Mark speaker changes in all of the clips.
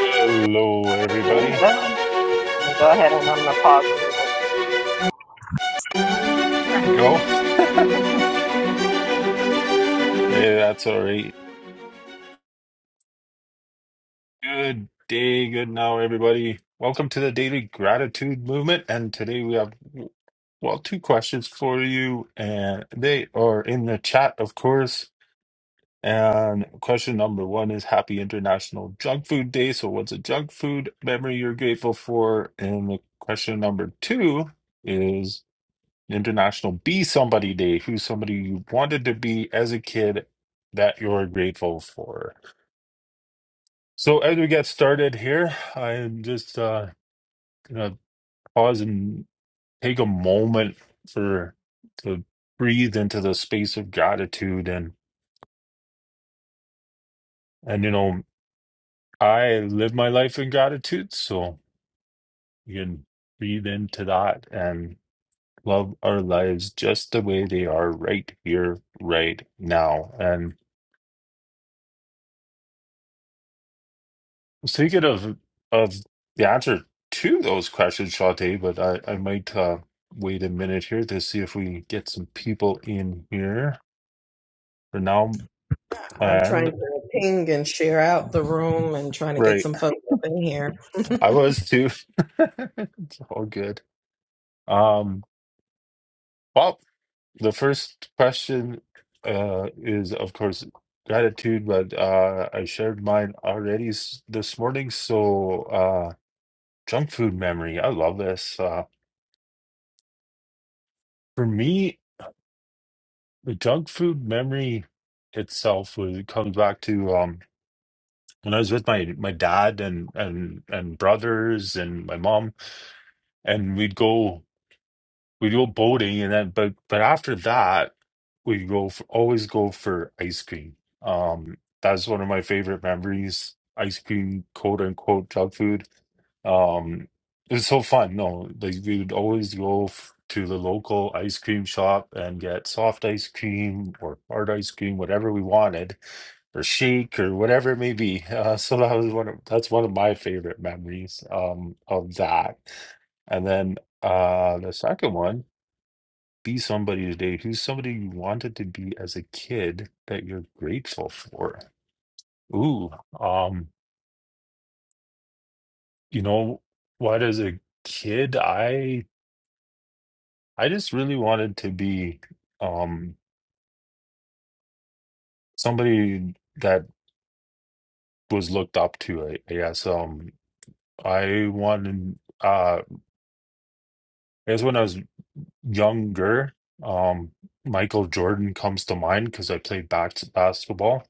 Speaker 1: Hello, everybody.
Speaker 2: Amen. Go ahead and I'm gonna pause.
Speaker 1: There we go. Hey, that's all right. Good day, good now, everybody. Welcome to the Daily Gratitude Movement. And today we have, well, two questions for you. And they are in the chat, of course. And question number one is Happy International Junk Food Day. So, what's a junk food memory you're grateful for? And the question number two is. International. Be somebody day. Who's somebody you wanted to be as a kid that you're grateful for. So as we get started here, I'm just uh, gonna pause and take a moment for to breathe into the space of gratitude and and you know I live my life in gratitude, so you can breathe into that and love our lives just the way they are right here, right now. And Speaking of of the answer to those questions, Shante, but I I might uh, wait a minute here to see if we can get some people in here. For now,
Speaker 2: I'm trying
Speaker 1: and
Speaker 2: to ping and share out the room and trying to get
Speaker 1: right,
Speaker 2: some folks up in here.
Speaker 1: I was too. It's all good. Um, well, the first question uh is of course gratitude, but uh I shared mine already s- this morning. So uh, junk food memory. I love this. Uh, for me. The junk food memory itself was it comes back to um when I was with my my dad and and and brothers and my mom, and we'd go we go boating and then but but after that we go for, always go for ice cream um that's one of my favorite memories ice cream quote unquote junk food um it was so fun no like we would always go f- to the local ice cream shop and get soft ice cream or hard ice cream whatever we wanted or shake or whatever it may be uh, so that was one of that's one of my favorite memories um of that and then uh, the second one, be somebody today who's somebody you wanted to be as a kid that you're grateful for. Ooh, um, you know what, as a kid, I I just really wanted to be um somebody that was looked up to, I, I guess. Um, I wanted uh I guess when I was younger, um Michael Jordan comes to mind because I played back basketball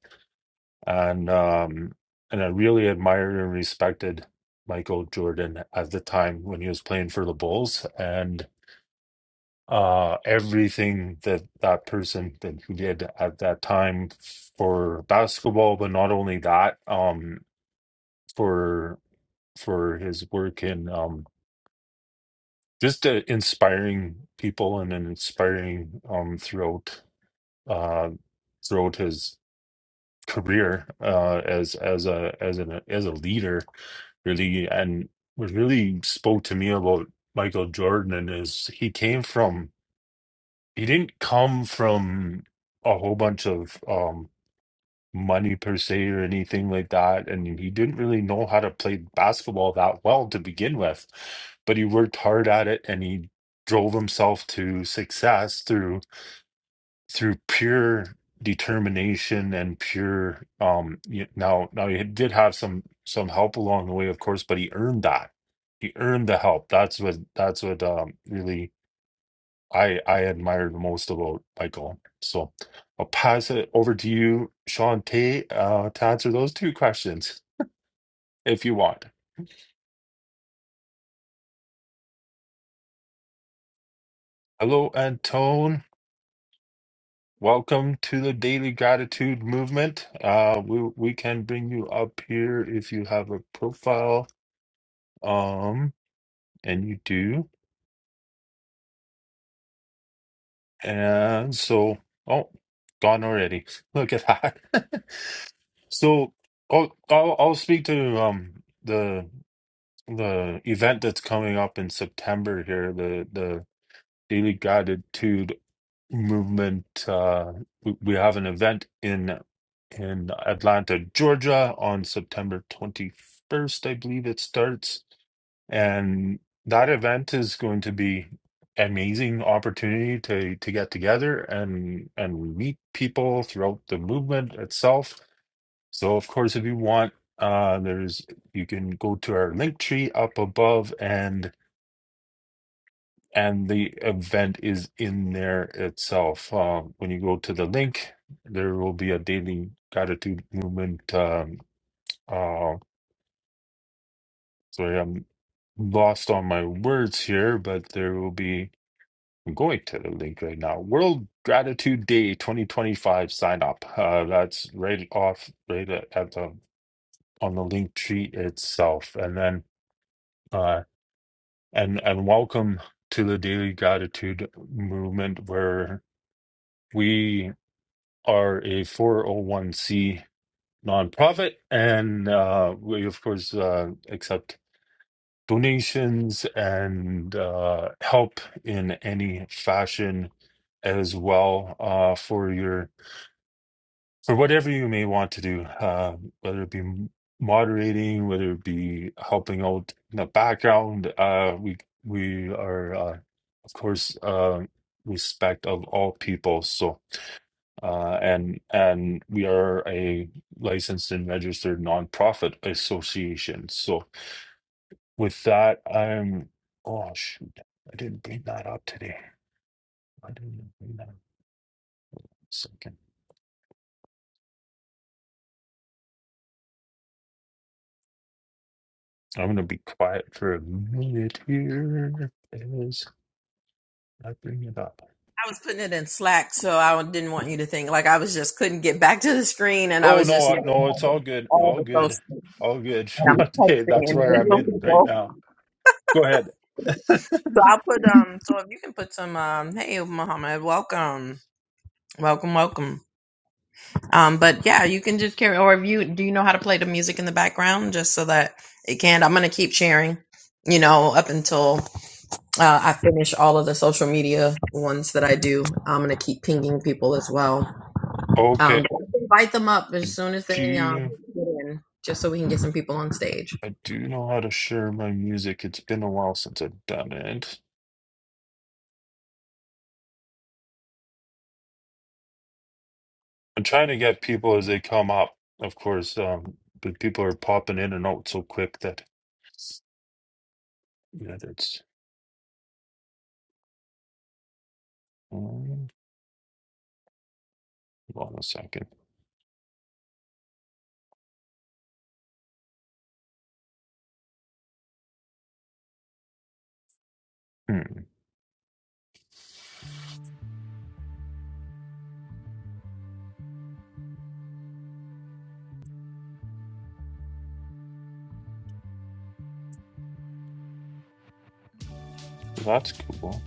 Speaker 1: and um and I really admired and respected Michael Jordan at the time when he was playing for the Bulls and uh everything that that person that he did at that time for basketball but not only that um for for his work in um just uh, inspiring people and then inspiring um throughout uh throughout his career uh, as as a as an as a leader, really, and what really spoke to me about Michael Jordan is he came from he didn't come from a whole bunch of um, money per se or anything like that, and he didn't really know how to play basketball that well to begin with, but he worked hard at it and he drove himself to success through through pure determination and pure um you, now now he did have some some help along the way of course but he earned that he earned the help that's what that's what um really i i admire the most about michael so i'll pass it over to you shantae uh to answer those two questions if you want hello antone welcome to the daily gratitude movement uh we we can bring you up here if you have a profile Um, and you do. And so, oh, gone already. Look at that. So, I'll, I'll I'll speak to um the the event that's coming up in September here, the the Daily Gratitude Movement. Uh, we, we have an event in in Atlanta, Georgia on September 21st, I believe it starts. And that event is going to be amazing opportunity to to get together and and meet people throughout the movement itself. So of course, if you want, uh, there's you can go to our link tree up above and and the event is in there itself. Uh, when you go to the link, there will be a daily gratitude movement. Um, uh, sorry, I'm lost on my words here, but there will be I'm going to the link right now. World Gratitude Day 2025 sign up. Uh, that's right off right at the on the link tree itself. And then uh and and welcome to the Daily Gratitude Movement where we are a 401c nonprofit and uh we of course uh accept donations and uh help in any fashion as well uh for your for whatever you may want to do, uh, whether it be moderating, whether it be helping out in the background. Uh, we we are, uh, of course, uh, respect of all people. So uh, and and we are a licensed and registered nonprofit association. So with that, I'm. Oh shoot, I didn't bring that up today. I didn't bring that up. Second. I'm gonna be quiet for a minute here. I bring it up.
Speaker 2: I was putting it in Slack, so I didn't want you to think like I was just couldn't get back to the screen, and I
Speaker 1: Oh
Speaker 2: was
Speaker 1: no,
Speaker 2: just
Speaker 1: uh, no, it's all good,
Speaker 2: all
Speaker 1: all
Speaker 2: the
Speaker 1: good,
Speaker 2: social.
Speaker 1: all good.
Speaker 2: And I'm
Speaker 1: Hey,
Speaker 2: texting
Speaker 1: that's where I'm
Speaker 2: individual
Speaker 1: in right
Speaker 2: people,
Speaker 1: now. Go ahead.
Speaker 2: so I'll put um. So if you can put some um. Hey, Muhammad, welcome, welcome, welcome. Um, but yeah, you can just carry. Or if you do, you know how to play the music in the background, just so that it can. I'm gonna keep sharing, you know, up until uh, I finish all of the social media ones that I do. I'm gonna keep pinging people as well.
Speaker 1: Okay.
Speaker 2: Um, invite them up as
Speaker 1: I
Speaker 2: soon as they um,
Speaker 1: do
Speaker 2: get in, just so we can get some people on stage.
Speaker 1: I do know how to share my music. It's been a while since I've done it. I'm trying to get people as they come up. Of course, um, but people are popping in and out so quick that yeah, that's. Um, hold on a second. Hmm, that's cool.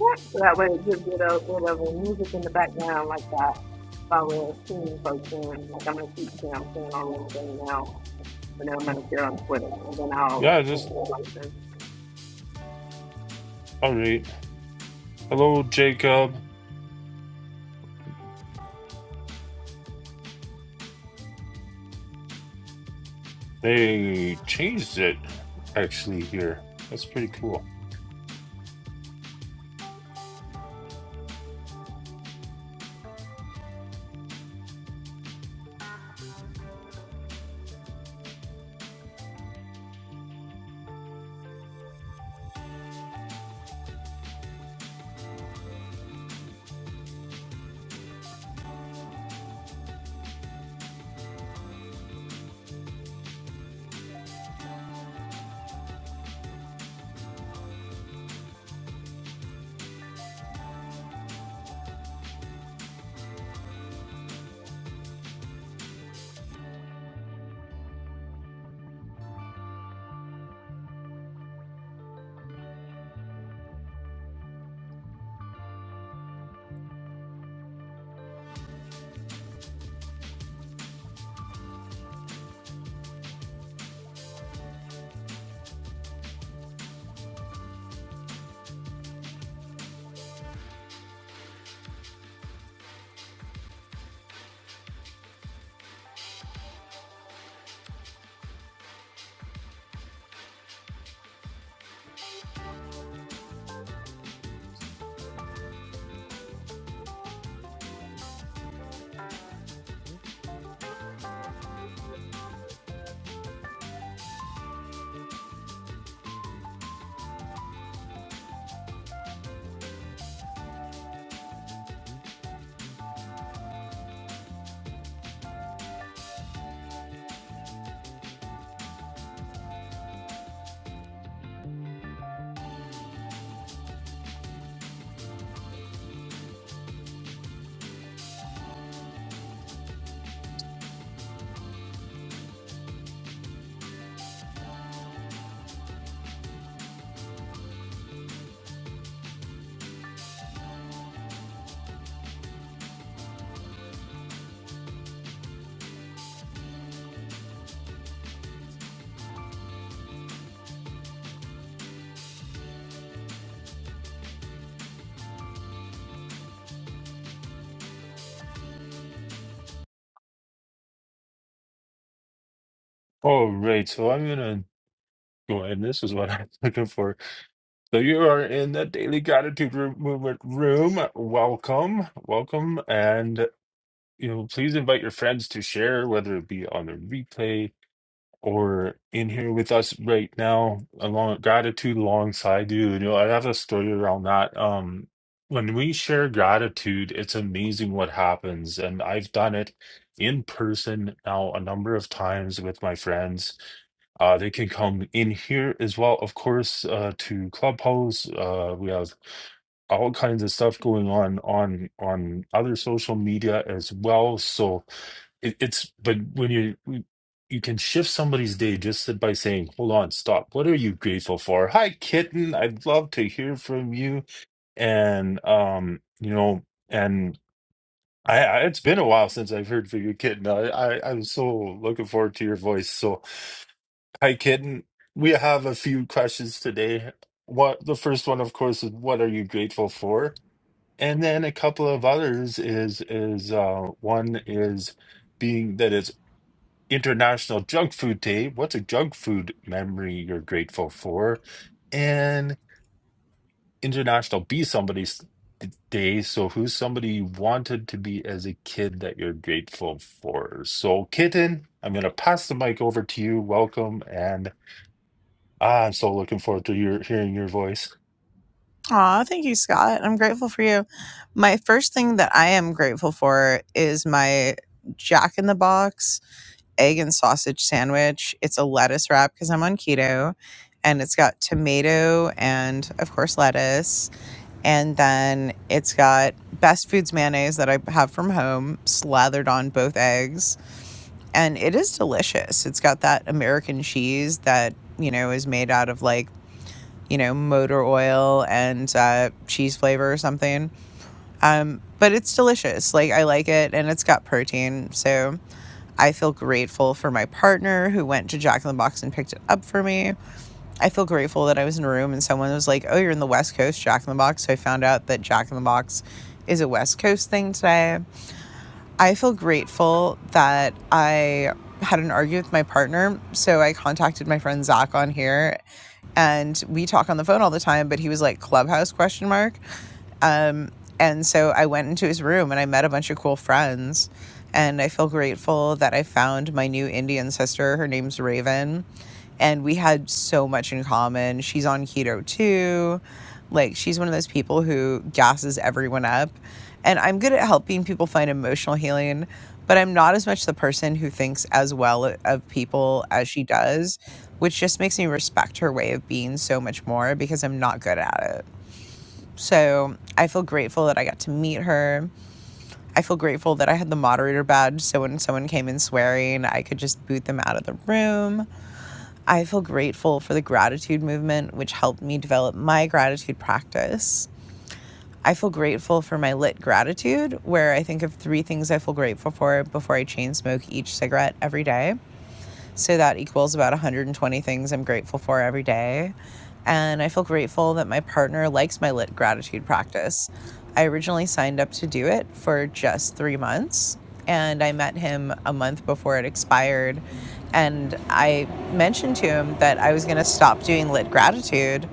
Speaker 2: Yeah, So that way it gives it a bit of a music in the background like that. If I were seeing folks doing, like I'm gonna keep them I'm saying all the thing now, and then I'm gonna share on Twitter, and then
Speaker 1: Yeah, just
Speaker 2: I'll like,
Speaker 1: all right. Hello, Jacob. They changed it actually here. That's pretty cool. All right, so I'm gonna go ahead. This is what I'm looking for. So you are in the Daily Gratitude Room- Movement room. Welcome, welcome, and you know, please invite your friends to share, whether it be on the replay or in here with us right now along gratitude alongside you. You know, I have a story around that. Um, when we share gratitude, it's amazing what happens. And I've done it in person now a number of times with my friends. Uh, they can come in here as well, of course, uh, to Clubhouse. Uh, we have all kinds of stuff going on on on other social media as well. So it, it's but when you you can shift somebody's day just by saying, "Hold on, stop. What are you grateful for?" Hi, kitten. I'd love to hear from you. And um, you know, and I, I it's been a while since I've heard from you, kitten. I, I I'm so looking forward to your voice. So, hi, kitten. We have a few questions today. What the first one, of course, is what are you grateful for? And then a couple of others is is uh, one is being that it's International Junk Food Day. What's a junk food memory you're grateful for? And International Be Somebody's Day. So, who's somebody you wanted to be as a kid that you're grateful for? So, Kitten, I'm going to pass the mic over to you. Welcome. And ah, I'm so looking forward to your hearing your voice.
Speaker 3: Aw, thank you, Scott. I'm grateful for you. My first thing that I am grateful for is my Jack in the Box egg and sausage sandwich. It's a lettuce wrap because I'm on keto and it's got tomato and, of course, lettuce. And then it's got Best Foods mayonnaise that I have from home slathered on both eggs. And it is delicious. It's got that American cheese that, you know, is made out of like you know, motor oil and uh, cheese flavor or something. Um, but it's delicious. Like, I like it and it's got protein. So I feel grateful for my partner who went to Jack in the Box and picked it up for me. I feel grateful that I was in a room and someone was like, oh, you're in the West Coast, Jack in the Box. So I found out that Jack in the Box is a West Coast thing today. I feel grateful that I had an argument with my partner. So I contacted my friend Zach on here and we talk on the phone all the time, but he was like clubhouse question mark. Um, and so I went into his room and I met a bunch of cool friends. And I feel grateful that I found my new Indian sister. Her name's Raven. And we had so much in common. She's on keto too. Like, she's one of those people who gasses everyone up. And I'm good at helping people find emotional healing, but I'm not as much the person who thinks as well of people as she does, which just makes me respect her way of being so much more because I'm not good at it. So I feel grateful that I got to meet her. I feel grateful that I had the moderator badge. So when someone came in swearing, I could just boot them out of the room. I feel grateful for the gratitude movement, which helped me develop my gratitude practice. I feel grateful for my lit gratitude, where I think of three things I feel grateful for before I chain smoke each cigarette every day. So that equals about 120 things I'm grateful for every day. And I feel grateful that my partner likes my lit gratitude practice. I originally signed up to do it for just three months, and I met him a month before it expired. And I mentioned to him that I was going to stop doing lit gratitude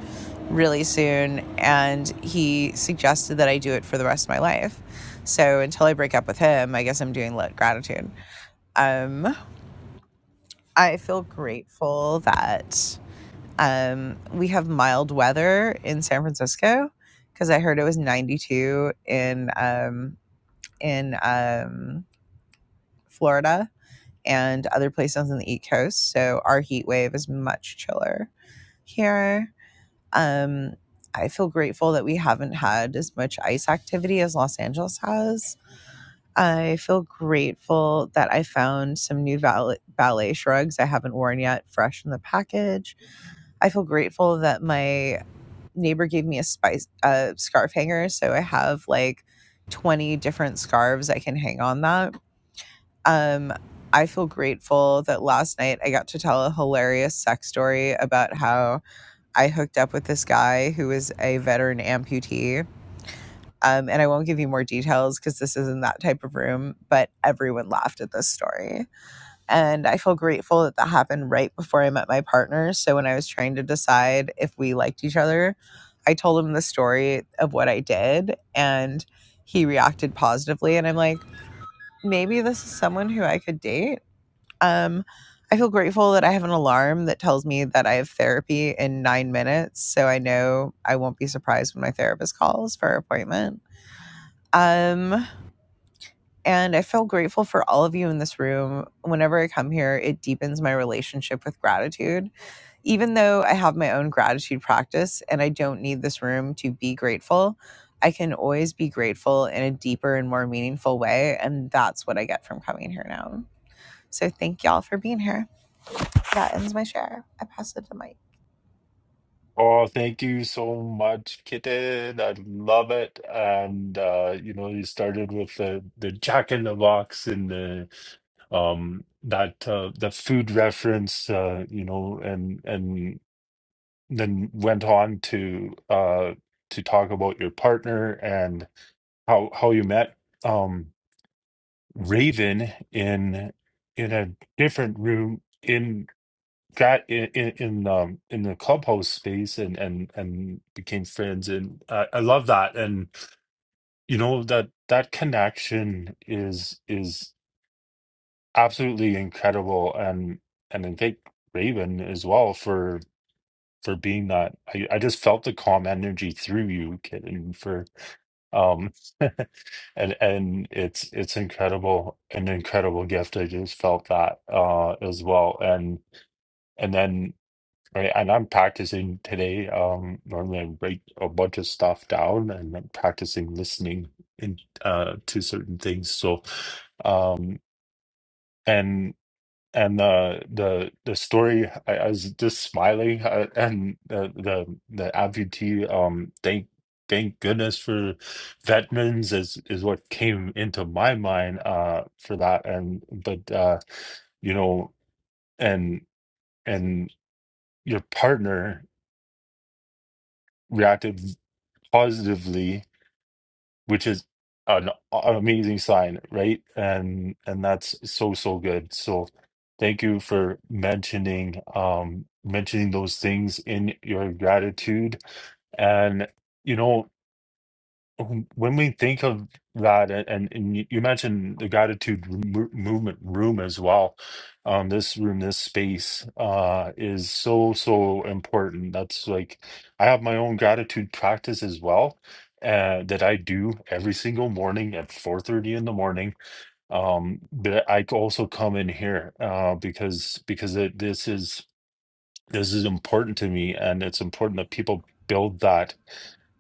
Speaker 3: really soon, and he suggested that I do it for the rest of my life. So until I break up with him, I guess I'm doing lit gratitude. Um, I feel grateful that um, we have mild weather in San Francisco because I heard it was 92 in um, in um, Florida and other places on the East Coast. So our heat wave is much chiller here. Um, I feel grateful that we haven't had as much ice activity as Los Angeles has. I feel grateful that I found some new ballet ballet shrugs I haven't worn yet, fresh in the package. I feel grateful that my neighbor gave me a spice a scarf hanger, so I have like 20 different scarves I can hang on that. Um I feel grateful that last night I got to tell a hilarious sex story about how I hooked up with this guy who is a veteran amputee. Um, and I won't give you more details because this isn't that type of room, but everyone laughed at this story and I feel grateful that that happened right before I met my partner. So when I was trying to decide if we liked each other, I told him the story of what I did and he reacted positively and I'm like, maybe this is someone who I could date. Um I feel grateful that I have an alarm that tells me that I have therapy in 9 minutes, so I know I won't be surprised when my therapist calls for our appointment. Um and I feel grateful for all of you in this room. Whenever I come here, it deepens my relationship with gratitude. Even though I have my own gratitude practice and I don't need this room to be grateful, I can always be grateful in a deeper and more meaningful way. And that's what I get from coming here now. So thank y'all for being here. That ends my share. I pass it to Mike.
Speaker 1: Oh, thank you so much, Kitten. I love it. And uh, you know, you started with the the Jack in the Box and the um that uh, the food reference uh you know and and then went on to uh to talk about your partner and how how you met um Raven in in a different room in got in in, in um in the clubhouse space and and and became friends and I, I love that and you know that that connection is is absolutely incredible and and I think Raven as well for for being that I, I just felt the calm energy through you kid and for um and and it's it's incredible an incredible gift I just felt that uh as well and and then right, and I'm practicing today um normally I write a bunch of stuff down and I'm practicing listening in uh to certain things so um and and the the the story I, I was just smiling uh, and the the the amputee um thank thank goodness for veterans is is what came into my mind uh for that and but uh you know and and your partner reacted positively which is an a- amazing sign, right? And and that's so so good. So thank you for mentioning um mentioning those things in your gratitude. And you know when when we think of that, a- and, and you you mentioned the gratitude mo- movement room as well, um, this room, this space, uh, is so, so important. That's like, I have my own gratitude practice as well, uh, that I do every single morning at 4:30 in the morning. Um, but I c- also come in here, uh, because because it, this is this is important to me, and it's important that people build that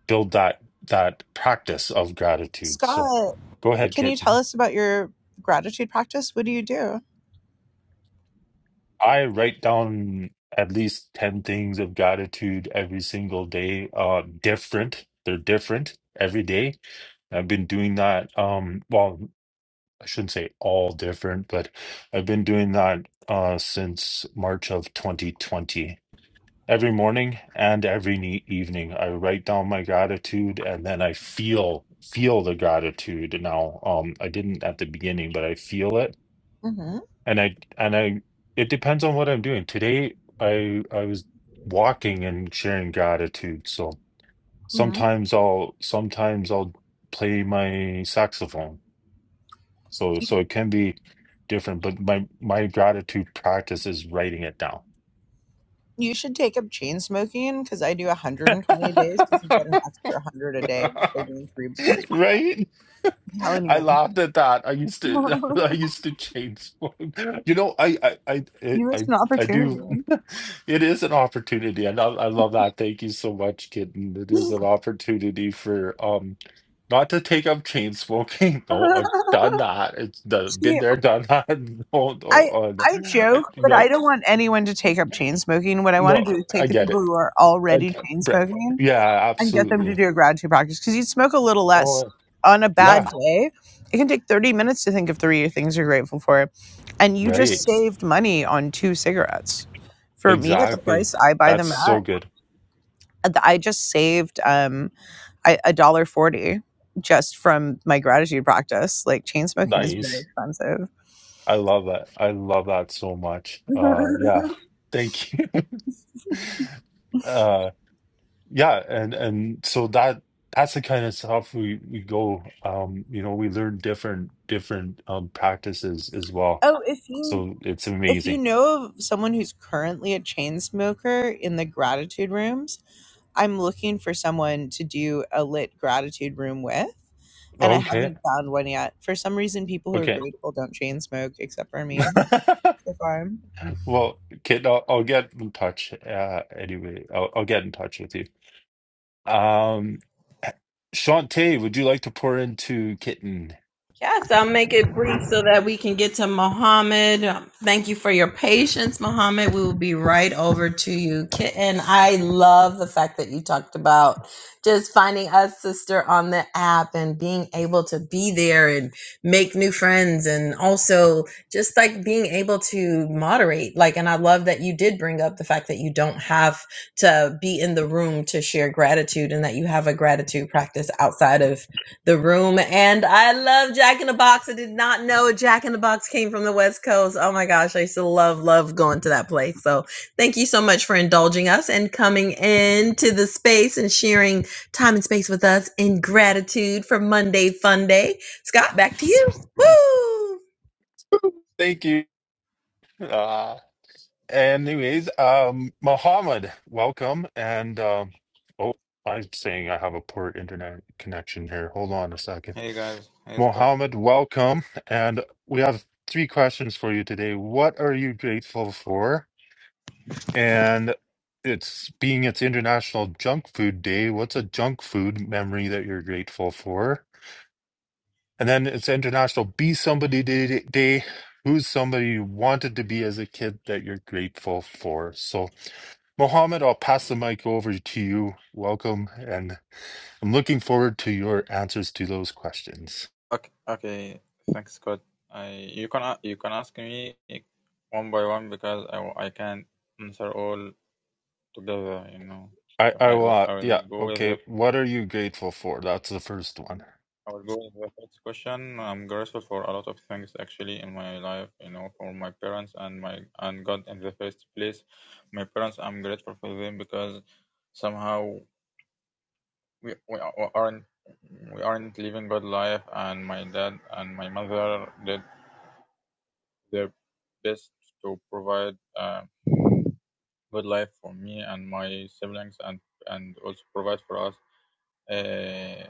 Speaker 1: build that that practice of gratitude. So
Speaker 3: Scott,
Speaker 1: go ahead,
Speaker 3: can you
Speaker 1: Kit.
Speaker 3: tell us about your gratitude practice? What do you do?
Speaker 1: I write down at least 10 things of gratitude every single day. Uh different. They're different every day. I've been doing that um well, I shouldn't say all different, but I've been doing that uh since March of 2020. Every morning and every ne- evening, I write down my gratitude, and then I feel feel the gratitude now. Um, I didn't at the beginning, but I feel it,
Speaker 3: Mm-hmm.
Speaker 1: and I and I. It depends on what I'm doing. Today, I I was walking and sharing gratitude. So
Speaker 3: Mm-hmm.
Speaker 1: sometimes I'll sometimes I'll play my saxophone. So so it can be different, but my my gratitude practice is writing it down.
Speaker 3: You should take up chain smoking because I do 120 days because you get an extra 100 a day by doing three before you.
Speaker 1: Right?
Speaker 3: I'm telling
Speaker 1: I
Speaker 3: you.
Speaker 1: laughed at that. I used to, I used to change. one. You know, I, I, I,
Speaker 3: you missed
Speaker 1: I,
Speaker 3: an
Speaker 1: I
Speaker 3: opportunity.
Speaker 1: do. It is an opportunity, and I, I love that. Thank you so much, kitten. It is an opportunity for um, not to take up chain smoking. No, I've done that. It's the
Speaker 3: See,
Speaker 1: been there, done that. No, no,
Speaker 3: I
Speaker 1: uh,
Speaker 3: I
Speaker 1: no, I-
Speaker 3: joke, but I
Speaker 1: no,
Speaker 3: don't want anyone to take up chain smoking. What I want
Speaker 1: no,
Speaker 3: to do is
Speaker 1: I
Speaker 3: take the
Speaker 1: get
Speaker 3: people
Speaker 1: it.
Speaker 3: who are
Speaker 1: Uh,
Speaker 3: already
Speaker 1: d-
Speaker 3: chain
Speaker 1: bre-
Speaker 3: smoking
Speaker 1: yeah,
Speaker 3: and get them to
Speaker 1: absolutely.
Speaker 3: do a gratitude practice because you'd smoke a little less
Speaker 1: Oh,
Speaker 3: on a bad
Speaker 1: yeah,
Speaker 3: day. It can take 30 minutes to think of three things you're grateful for. And you just
Speaker 1: right.
Speaker 3: saved money on two cigarettes. For me, at the
Speaker 1: Exactly.
Speaker 3: price I buy
Speaker 1: That's
Speaker 3: them
Speaker 1: so
Speaker 3: at,
Speaker 1: good.
Speaker 3: I just saved um I- a dollar forty just from my gratitude practice. Like chain smoking is very
Speaker 1: Nice.
Speaker 3: expensive.
Speaker 1: I love that. I love that so much. Uh yeah. Thank you. Uh yeah, and and so that that's the kind of stuff we we go um you know, we learn different different um practices as well.
Speaker 3: oh, if you
Speaker 1: So it's
Speaker 3: if you
Speaker 1: amazing.
Speaker 3: know of someone who's currently a chain smoker in the gratitude rooms, I'm looking for someone to do a lit gratitude room with, and I
Speaker 1: Okay.
Speaker 3: haven't found one yet. For some reason, people who are
Speaker 1: Okay.
Speaker 3: grateful don't chain smoke except for me so far.
Speaker 1: Well, Kit, I'll, I'll get in touch. Uh anyway, I'll, I'll get in touch with you. Um, Shantae, would you like to pour into Kitten?
Speaker 2: Yes, I'll make it brief so that we can get to Mohammed. Um, Thank you for your patience, Mohammed. We will be right over to you. Kitten, I love the fact that you talked about just finding us, sister, on the app and being able to be there and make new friends and also just like being able to moderate. Like, and I love that you did bring up the fact that you don't have to be in the room to share gratitude and that you have a gratitude practice outside of the room. And I love Jack in the Box. I did not know Jack in the Box came from the West Coast. Oh my gosh, I used to love, love going to that place. So thank you so much for indulging us and coming into the space and sharing time and space with us in gratitude for Monday Fun Day. Scott, back to you. Woo!
Speaker 1: Thank you. Uh, Anyways, um, Mohammed, welcome. And um, oh, I'm saying I have a poor internet connection here. Hold on a second.
Speaker 4: Hey guys, hey Scott.
Speaker 1: Mohammed, welcome. And we have three questions for you today. What are you grateful for? And it's being it's International Junk Food Day. What's a junk food memory that you're grateful for? And then it's International Be Somebody Day. Day. Who's somebody you wanted to be as a kid that you're grateful for? So, Mohammed, I'll pass the mic over to you. Welcome. And I'm looking forward to your answers to those questions.
Speaker 4: Okay, okay. Thanks, Scott. I you can a- you can ask me eh, one by one because I w- I can't answer all together, you know.
Speaker 1: I,
Speaker 4: So
Speaker 1: I
Speaker 4: I
Speaker 1: will,
Speaker 4: will
Speaker 1: uh,
Speaker 4: I
Speaker 1: yeah,
Speaker 4: will go with
Speaker 1: okay.
Speaker 4: the
Speaker 1: What are you grateful for? That's the first one.
Speaker 4: I will go with the first question. I'm grateful for a lot of things actually in my life, you know, for my parents and my and God in the first place. My parents, I'm grateful for them because somehow we we a- aren't we aren't living good life and my dad and my mother did their best to provide a good life for me and my siblings and and also provide for us uh,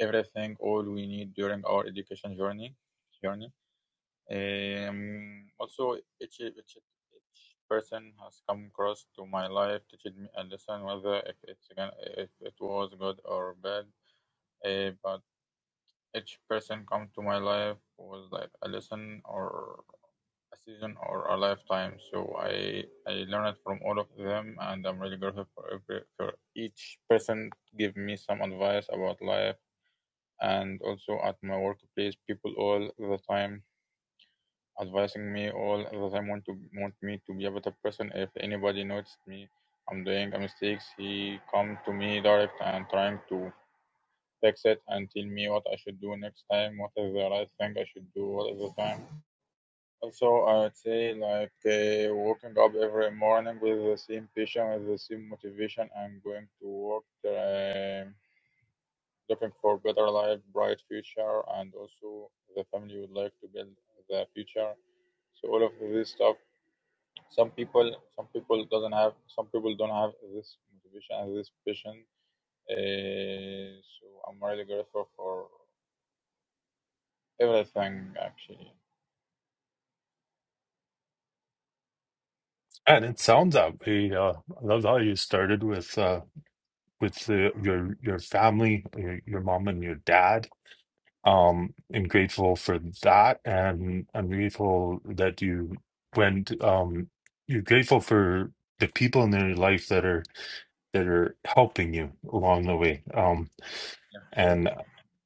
Speaker 4: everything all we need during our education journey journey um, also each, each each person has come across to my life teaching me a lesson whether if it's again if it was good or bad uh, but each person come to my life was like a lesson or a season or a lifetime. So I I learned from all of them, and I'm really grateful for every for each person give me some advice about life, and also at my workplace, people all the time advising me all the time want to want me to be a better person. If anybody noticed me, I'm doing a mistakes, he come to me direct and trying to fix it and tell me what I should do next time, what is the right thing I should do all the time also, I'd say like uh, waking up every morning with the same passion, with the same motivation, and going to work, um looking for better life, bright future, and also the family would like to build the future. So all of this stuff. Some people, some people doesn't have, some people don't have this motivation and this passion. Uh, so I'm really grateful for everything, actually.
Speaker 1: And it sounds that way. Uh, I love how you started with uh, with uh, your your family, your, your mom and your dad
Speaker 4: Yeah.
Speaker 1: um I'm grateful for that and I'm grateful that you went um you're grateful for the people in your life that are that are helping you along the way um
Speaker 4: so
Speaker 1: and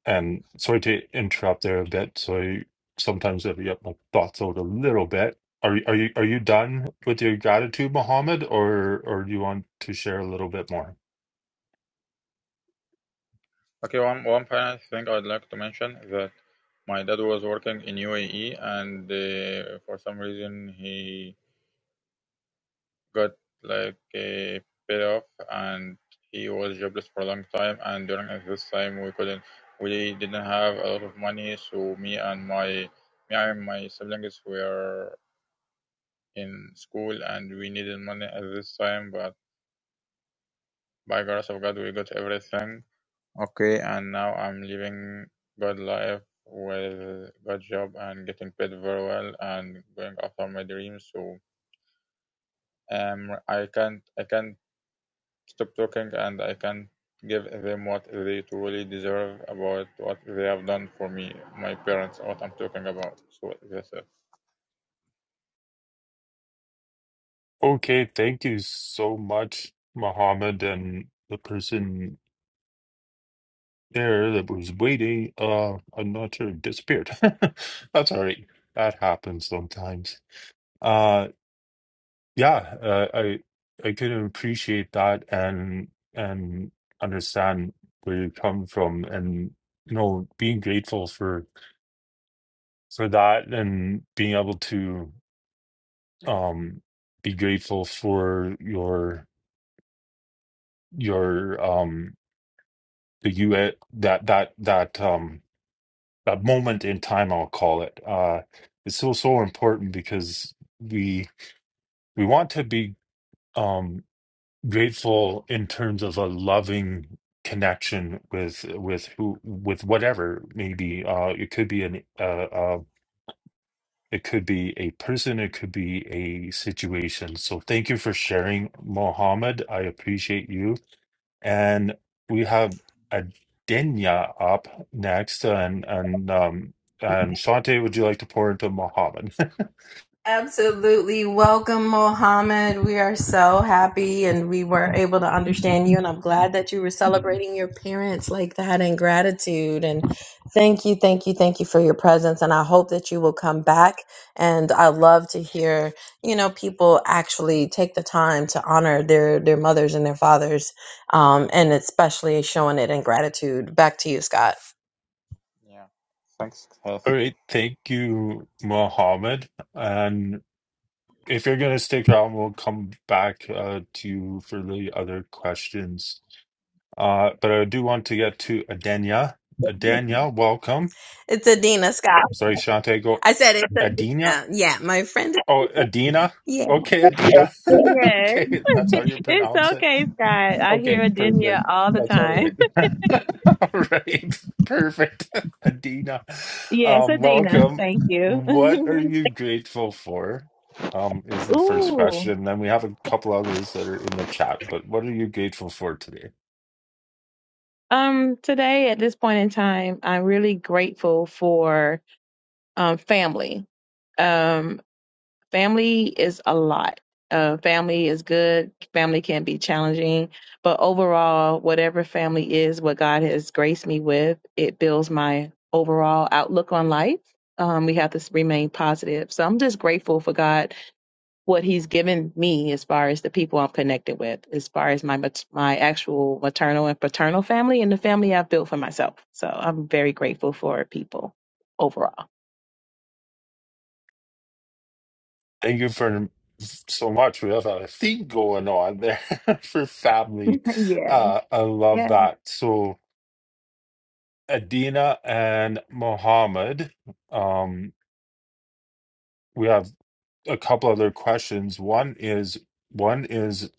Speaker 1: and sorry to interrupt there a bit so I sometimes I get my thoughts out a little bit are you are you are you done with your gratitude Mohammed or or do you want to share a little bit more
Speaker 4: Okay, one, one final thing I'd like to mention is that my dad was working in UAE and uh, for some reason he got like a paid off and he was jobless for a long time and during this time we couldn't we didn't have a lot of money so me and my me and my siblings were in school and we needed money at this time but by grace of God we got everything Okay, and now I'm living good life with good job and getting paid very well and going after my dreams. So um, I can't I can't stop talking and I can't give them what they truly deserve about what they have done for me, my parents, what I'm talking about. So that's it.
Speaker 1: Okay, thank you so much, Mohammed, and the person there that was waiting. Uh, I'm not sure disappeared. That's all right. That happens sometimes. Uh, yeah, uh, I I can appreciate that and and understand where you come from, and you know, being grateful for. for that and being able to um be grateful for your your um the you at that that that um that moment in time I'll call it uh it's so so important because we we want to be um grateful in terms of a loving connection with with who with whatever maybe uh it could be an uh, It could be a person, it could be a situation. So thank you for sharing, Mohammed. I appreciate you. And we have Adenya up next. And and um and Shante, would you like to pour into Mohammed?
Speaker 2: Absolutely. Welcome, Mohammed. We are so happy and we were able to understand you. And I'm glad that you were celebrating your parents like that in gratitude. And thank you, thank you, thank you for your presence. And I hope that you will come back. And I love to hear, you know, people actually take the time to honor their, their mothers and their fathers. Um, and especially showing it in gratitude. Back to you, Scott.
Speaker 4: Yeah. Thanks, Kath.
Speaker 1: All right, thank you, Mohammed. And if you're gonna stick around, we'll come back uh, to you for the other questions. Uh, but I do want to get to Adenya. Adenya, welcome.
Speaker 2: It's Adina Scott.
Speaker 1: Sorry, Shante. Go
Speaker 2: I said it's
Speaker 1: Adina.
Speaker 2: Adina. Yeah, my friend.
Speaker 1: Oh, Adina.
Speaker 2: Yeah.
Speaker 1: Okay, Adina.
Speaker 5: Yes.
Speaker 1: okay, that's how you
Speaker 5: It's
Speaker 1: pronounce it.
Speaker 5: okay, Scott. I hear
Speaker 1: Okay,
Speaker 5: Adina
Speaker 1: perfect.
Speaker 5: all the
Speaker 1: That's all
Speaker 5: time.
Speaker 1: right. all right, perfect. Adina,
Speaker 5: Yes,
Speaker 1: um,
Speaker 5: Adina.
Speaker 1: welcome.
Speaker 5: Thank you.
Speaker 1: What are you grateful for? Um, is the first
Speaker 5: Ooh.
Speaker 1: question. Then we have a couple others that are in the chat. But what are you grateful for today?
Speaker 5: Um, today at this point in time, I'm really grateful for um family. Um, family is a lot. Uh, family is good. Family can be challenging, but overall, whatever family is, what God has graced me with, it builds my overall outlook on life. Um, we have to s- remain positive. So I'm just grateful for God, what He's given me as far as the people I'm connected with, as far as my mat- my actual maternal and paternal family, and the family I've built for myself. So I'm very grateful for people overall.
Speaker 1: Thank you for so much. We have a thing going on there for family. Uh, I
Speaker 5: Yeah.
Speaker 1: love that. So Adina and Mohammed, um, we have a couple other questions. One is one is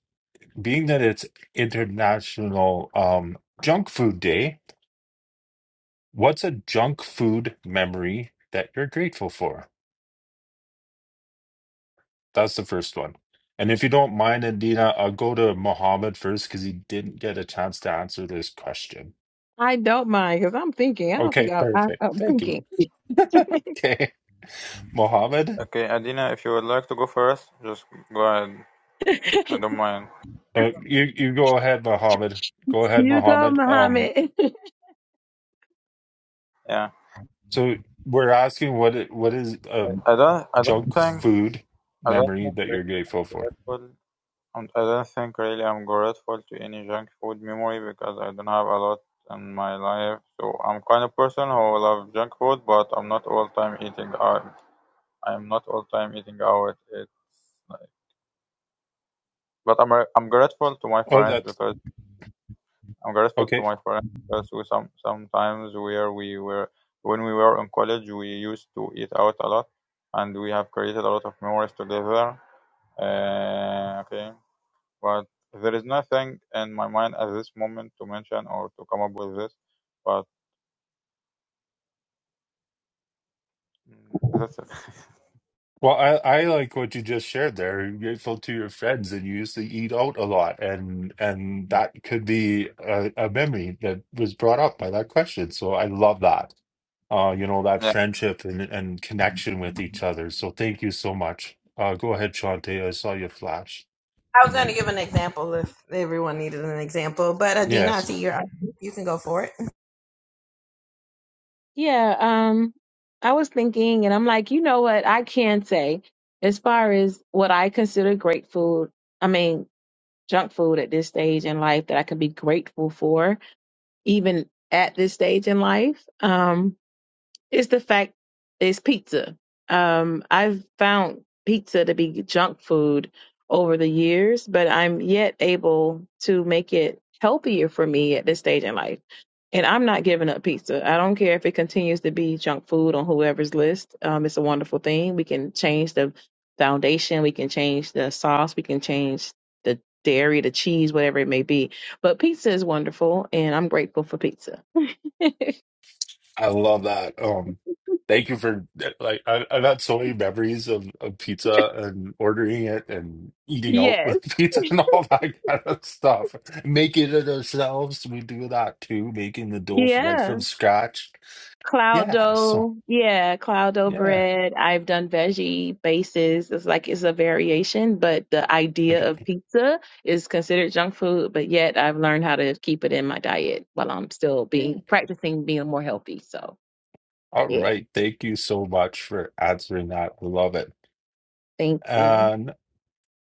Speaker 1: being that it's International um, Junk Food Day. What's a junk food memory that you're grateful for? That's the first one. And if you don't mind, Adina, I'll go to Mohammed first because he didn't get a chance to answer this question.
Speaker 5: I don't mind because I'm thinking. I don't
Speaker 1: Okay,
Speaker 5: think I, I,
Speaker 1: perfect.
Speaker 5: I'm
Speaker 1: Thank you.
Speaker 5: thinking.
Speaker 1: Okay, Mohammed,
Speaker 4: Okay, Adina, if you would like to go first, just go ahead. I don't mind.
Speaker 1: uh, you you go ahead, Mohammed. Go ahead,
Speaker 5: you go,
Speaker 1: Mohammed. Um,
Speaker 5: Muhammad.
Speaker 4: Yeah.
Speaker 1: so we're asking what it, what is um
Speaker 4: I I don't I don't
Speaker 1: junk
Speaker 4: think
Speaker 1: food
Speaker 4: I don't
Speaker 1: memory
Speaker 4: think
Speaker 1: that you're grateful for?
Speaker 4: it's possible And I don't think really I'm grateful to any junk food memory because I don't have a lot in my life. So I'm kind of person who love junk food, but I'm not all time eating out. I'm not all time eating out. It's like, but I'm I'm grateful to my
Speaker 1: Oh,
Speaker 4: friends
Speaker 1: that's
Speaker 4: because I'm grateful to
Speaker 1: okay.
Speaker 4: my friends because we some sometimes where we were when we were in college we used to eat out a lot and we have created a lot of memories together. Uh, okay. but there is nothing in my mind at this moment to mention or to come up with this. But mm, that's it.
Speaker 1: Well, I, I like what you just shared there. You're grateful to your friends, and you used to eat out a lot, and and that could be a, a memory that was brought up by that question. So I love that. Uh, you know, that
Speaker 4: yeah.
Speaker 1: friendship and, and connection with each other. So thank you so much. Uh, go ahead, Shante. I saw you flash
Speaker 2: I
Speaker 1: the
Speaker 2: was going to give
Speaker 1: mic.
Speaker 2: an example if everyone needed an example, but Adina, I
Speaker 1: Yes.
Speaker 2: see you're up. You can go for it.
Speaker 5: yeah. Um, I was thinking, and I'm like, you know what? I can say, as far as what I consider great food, I mean, junk food at this stage in life that I can be grateful for, even at this stage in life. Um, It's the fact it's pizza. Um, I've found pizza to be junk food over the years, but I'm yet able to make it healthier for me at this stage in life. And I'm not giving up pizza. I don't care if it continues to be junk food on whoever's list. Um, it's a wonderful thing. We can change the foundation, we can change the sauce, we can change the dairy, the cheese, whatever it may be. But pizza is wonderful, and I'm grateful for pizza.
Speaker 1: I love that. Um, thank you for uh, like I, I've had so many memories of, of pizza and ordering it and eating out
Speaker 5: Yes.
Speaker 1: with pizza and all that kind of stuff. Making it ourselves, we do that too, making the dough right
Speaker 5: Yeah.
Speaker 1: from scratch.
Speaker 5: Cloud
Speaker 1: Yeah, so
Speaker 5: dough, yeah, cloud dough
Speaker 1: yeah.
Speaker 5: bread. I've done veggie bases. It's like it's a variation, but the idea
Speaker 1: Okay.
Speaker 5: of pizza is considered junk food, but yet I've learned how to keep it in my diet while I'm still
Speaker 1: Yeah.
Speaker 5: being practicing being more healthy. So,
Speaker 1: All
Speaker 5: yeah,
Speaker 1: right. Thank you so much for answering that. Love it.
Speaker 5: thank you.
Speaker 1: And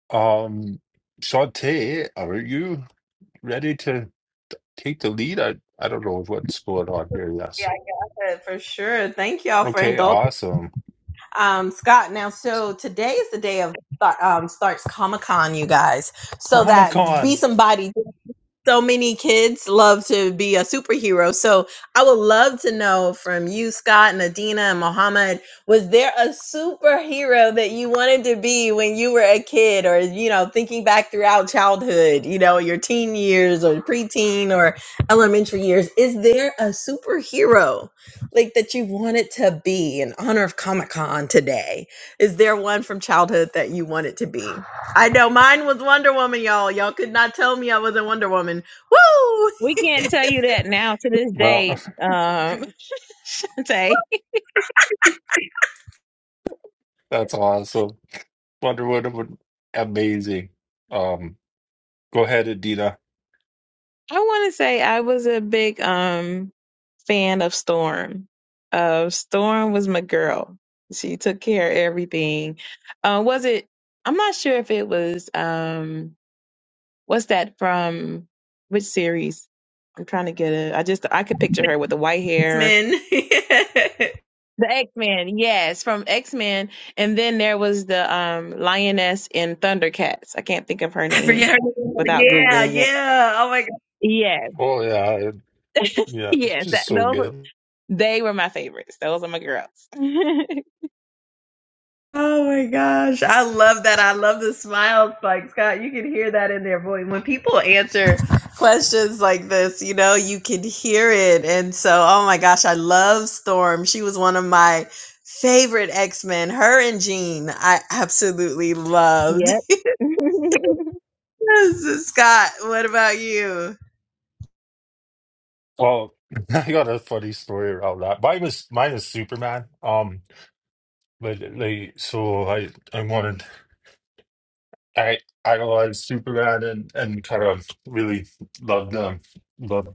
Speaker 1: um Shantae, are you ready to take the lead? I I don't know what's going on here. Yes.
Speaker 2: Yeah, I said for sure. Thank y'all for
Speaker 1: Okay,
Speaker 2: indulging.
Speaker 1: awesome.
Speaker 2: um, Scott. Now, so today is the day of um, starts Comic Con, you guys. So
Speaker 1: Comic
Speaker 2: that be
Speaker 1: Con.
Speaker 2: somebody so many kids love to be a superhero. So I would love to know from you, Scott, and Adina, and Mohammed, was there a superhero that you wanted to be when you were a kid or, you know, thinking back throughout childhood, you know, your teen years or preteen or elementary years? Is there a superhero like that you wanted to be in honor of Comic Con today? Is there one from childhood that you wanted to be? I know mine was Wonder Woman, y'all. Y'all could not tell me I wasn't Wonder Woman. Woo!
Speaker 5: We can't tell you that now to this
Speaker 1: Well,
Speaker 5: day, um, Shantae.
Speaker 1: that's awesome. Wonder Woman would amazing. Um, go ahead, Adina.
Speaker 5: I want to say I was a big um fan of Storm. Uh, Storm was my girl. She took care of everything. Uh, was it? I'm not sure if it was. Um, what's that from? Which series? I'm trying to get it. I just I could picture her with the white
Speaker 2: It's
Speaker 5: hair.
Speaker 2: Men.
Speaker 5: The X Men, yes, from X Men, and then there was the um lioness in Thundercats. I can't think of her
Speaker 2: I
Speaker 5: name
Speaker 2: forget her name.
Speaker 5: without
Speaker 2: Yeah,
Speaker 5: googling it.
Speaker 2: yeah. Oh my god.
Speaker 5: Yes,
Speaker 1: Oh yeah, it- yeah, it's
Speaker 5: yes, that,
Speaker 1: just so
Speaker 5: those.
Speaker 1: good.
Speaker 5: They were my favorites. Those are my girls.
Speaker 2: Oh my gosh. I love that. I love the smiles. Like Scott, you can hear that in their voice. When people answer questions like this, you know, you can hear it. And so, oh my gosh, I love Storm. She was one of my favorite X-Men. Her and Jean, I absolutely loved.
Speaker 5: Yep.
Speaker 2: Yes, Scott, what about you?
Speaker 1: Well, I got a funny story around that. Mine was mine is Superman. Um, but like, so I I wanted I idolized Superman and and kind of really loved um loved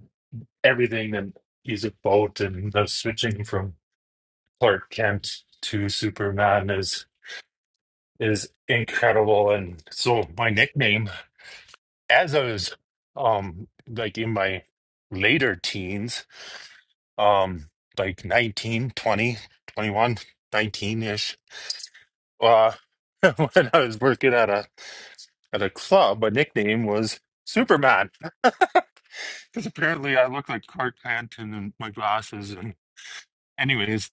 Speaker 1: everything that he's about and the switching from. Clark Kent to Superman is is incredible. And so my nickname, as I was um like in my later teens, um like nineteen, twenty, twenty one, nineteen ish uh when I was working at a at a club, my nickname was Superman. Because apparently I looked like Clark Kent and my glasses and anyways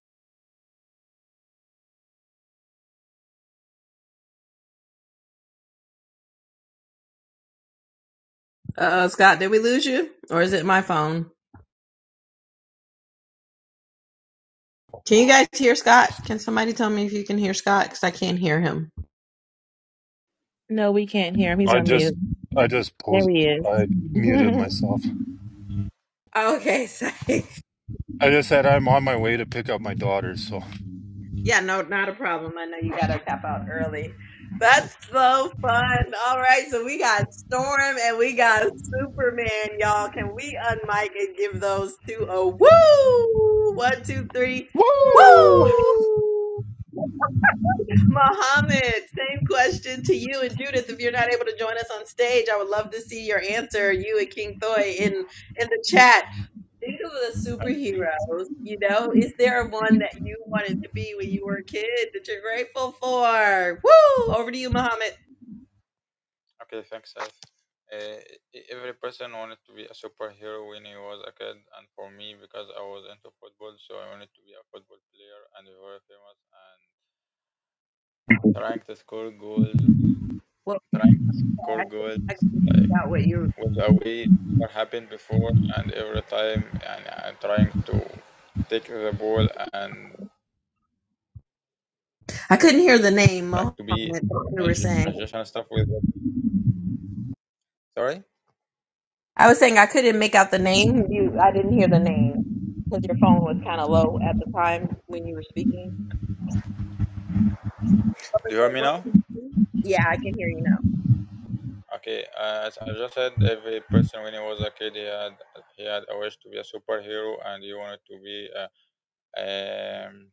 Speaker 2: Uh, Scott, did we lose you, or is it my phone? Can you guys hear Scott? Can somebody tell me if you can hear Scott? Because I can't hear him.
Speaker 5: no, we can't hear him. He's
Speaker 1: I
Speaker 5: on
Speaker 1: just
Speaker 5: mute.
Speaker 1: I just
Speaker 5: There
Speaker 1: posed
Speaker 5: he is.
Speaker 1: I muted
Speaker 5: Woo!
Speaker 1: myself.
Speaker 2: Okay, sorry.
Speaker 1: I just said I'm on my way to pick up my daughter, so
Speaker 2: Yeah, no, not a problem. I know you gotta tap out early. That's so fun. All right, so we got Storm and we got Superman, y'all. Can we unmic and give those two a woo? One, two, three,
Speaker 1: Woo I
Speaker 2: woo! Mohammed, same question to you and Judith. If you're not able to join us on stage, I would love to see your answer, you and King Thoy, in in the chat. Think of the superheroes. You know, is there one that you wanted to be when you were a kid that you're grateful for? Woo! Over to you, Mohammed.
Speaker 4: Okay. Thanks, Seth. Uh, e- every person wanted to be a superhero when he was a kid, and for me, because I was into football, so I wanted to be a football player and be very famous and trying to score goals,
Speaker 2: Well,
Speaker 4: trying to score
Speaker 2: I
Speaker 4: goals
Speaker 2: I
Speaker 4: like
Speaker 2: got what you.
Speaker 4: was a way never happened before, and every time and, and trying to take the ball and
Speaker 2: I couldn't hear the name,
Speaker 4: trying
Speaker 2: Mohammed.
Speaker 4: to be
Speaker 2: That you were
Speaker 4: magi-
Speaker 2: saying.
Speaker 4: magician and stuff with sorry
Speaker 2: I was saying I couldn't make out the name. You, I didn't hear the name because your phone was kind of low at the time when you were speaking.
Speaker 4: do you hear me now
Speaker 2: Yeah, I can hear you now.
Speaker 4: okay uh, as i just said every person when he was a kid he had he had a wish to be a superhero and he wanted to be uh, um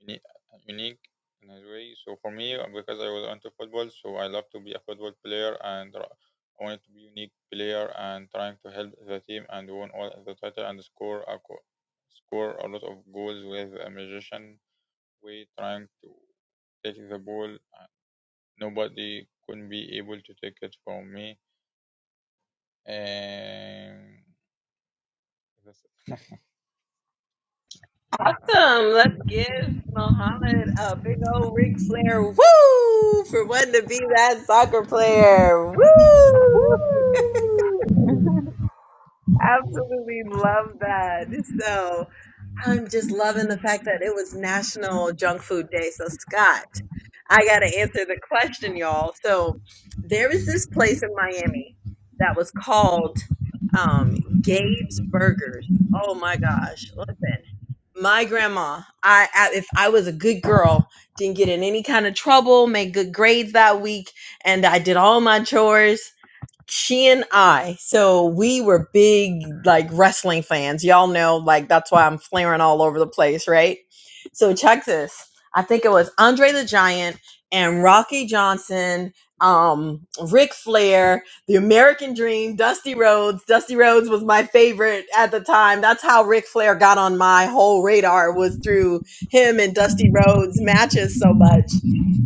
Speaker 4: uni- unique in his way so for me uh, because i was into football so i love to be a football player and r- i wanted to be unique player and trying to help the team and won all the title and score a co- score a lot of goals with a magician way trying to take the ball. Nobody could be able to take it from me. And it's
Speaker 2: Awesome. Let's give Mohammed a big old Ric Flair woo for wanting to be that soccer player. Woo!
Speaker 5: Woo! Woo!
Speaker 2: Absolutely love that. So I'm just loving the fact that it was National Junk Food Day. So, Scott, I got to answer the question, y'all. So, there is this place in Miami that was called um, Gabe's Burgers. Oh my gosh. Listen, my grandma, I, I if I was a good girl, didn't get in any kind of trouble, made good grades that week, and I did all my chores she and I, so we were big like wrestling fans. Y'all know, like that's why I'm flaring all over the place, right? So check this. I think it was Andre the Giant and Rocky Johnson, um, Ric Flair, The American Dream, Dusty Rhodes. Dusty Rhodes was my favorite at the time. That's how Ric Flair got on my whole radar was through him and Dusty Rhodes matches so much.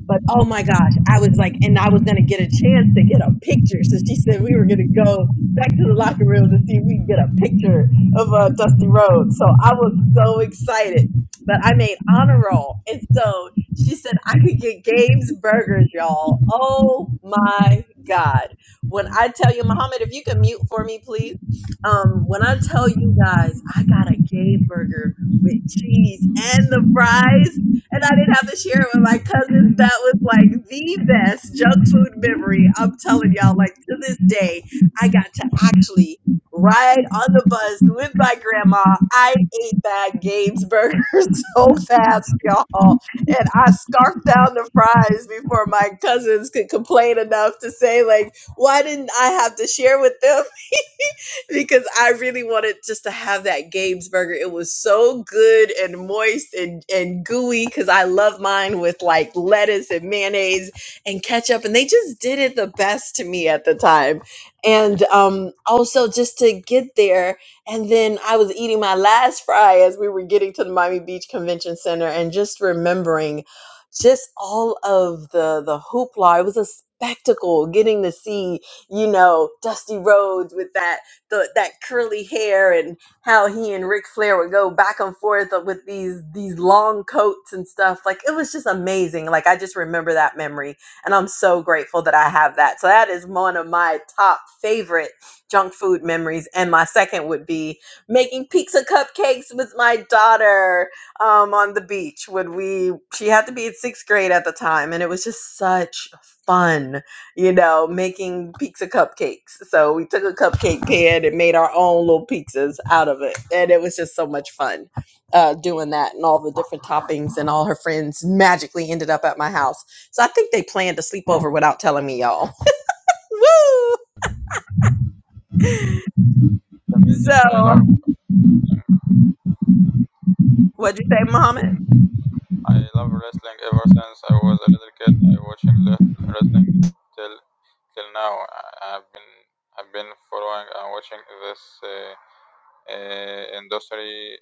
Speaker 2: But oh my gosh, I was like, and I was gonna get a chance to get a picture. So she said we were gonna go back to the locker room to see if we could get a picture of uh, Dusty Rhodes. So I was so excited. But I made honor roll, and so she said I could get Gabe's Burgers, y'all. Oh my God! When I tell you, Muhammad, if you can mute for me, please. Um, when I tell you guys, I got a Gabe Burger with cheese and the fries and I didn't have to share it with my cousins. That was like the best junk food memory. I'm telling y'all, like to this day, I got to actually ride on the bus with my grandma. I ate that Gaines burger so fast, y'all. And I scarfed down the fries before my cousins could complain enough to say, like, why didn't I have to share with them? because I really wanted just to have that Gabe's burger. It was so good and moist and, and gooey because I love mine with like lettuce and mayonnaise and ketchup. And they just did it the best to me at the time. And um, also just to get there. And then I was eating my last fry as we were getting to the Miami Beach Convention Center and just remembering just all of the the hoopla. It was a spectacle getting to see you know, Dusty Rhodes with that the that curly hair and how he and Ric Flair would go back and forth with these these long coats and stuff. Like it was just amazing. Like I just remember that memory, and I'm so grateful that I have that. So that is one of my top favorite junk food memories. And my second would be making pizza cupcakes with my daughter um, on the beach. When we she had to be in sixth grade at the time, and it was just such fun you know, making pizza cupcakes. So we took a cupcake pan and made our own little pizzas out of it. And it was just so much fun uh, doing that and all the different toppings. And all her friends magically ended up at my house. So I think they planned to sleep over without telling me, y'all. Woo!
Speaker 4: amazing.
Speaker 2: So,
Speaker 4: I love
Speaker 2: what'd you say, Muhammad?
Speaker 4: I love wrestling ever since I was a little kid. I watching le- wrestling till till now. I, I've been I've been following and watching this uh, uh, industry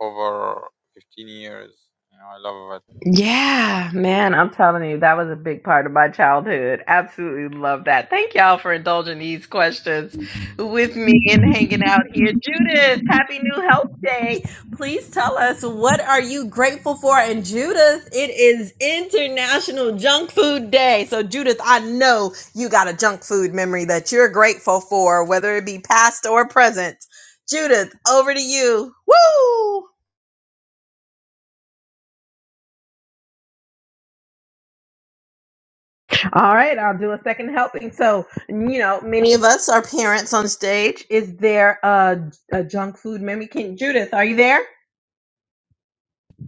Speaker 4: over 15 years. You know, I love it.
Speaker 2: Yeah, man, I'm telling you, that was a big part of my childhood. Absolutely love that. Thank y'all for indulging these questions with me and hanging out here. Judith, happy new health day. Please tell us what are you grateful for? And Judith, it is International Junk Food Day. So Judith, I know you got a junk food memory that you're grateful for, whether it be past or present. Judith, over to you. Woo! All right, I'll do a second helping. So, you know, many of us are parents on stage. Is there a, a junk food memory? Can Judith, are you there?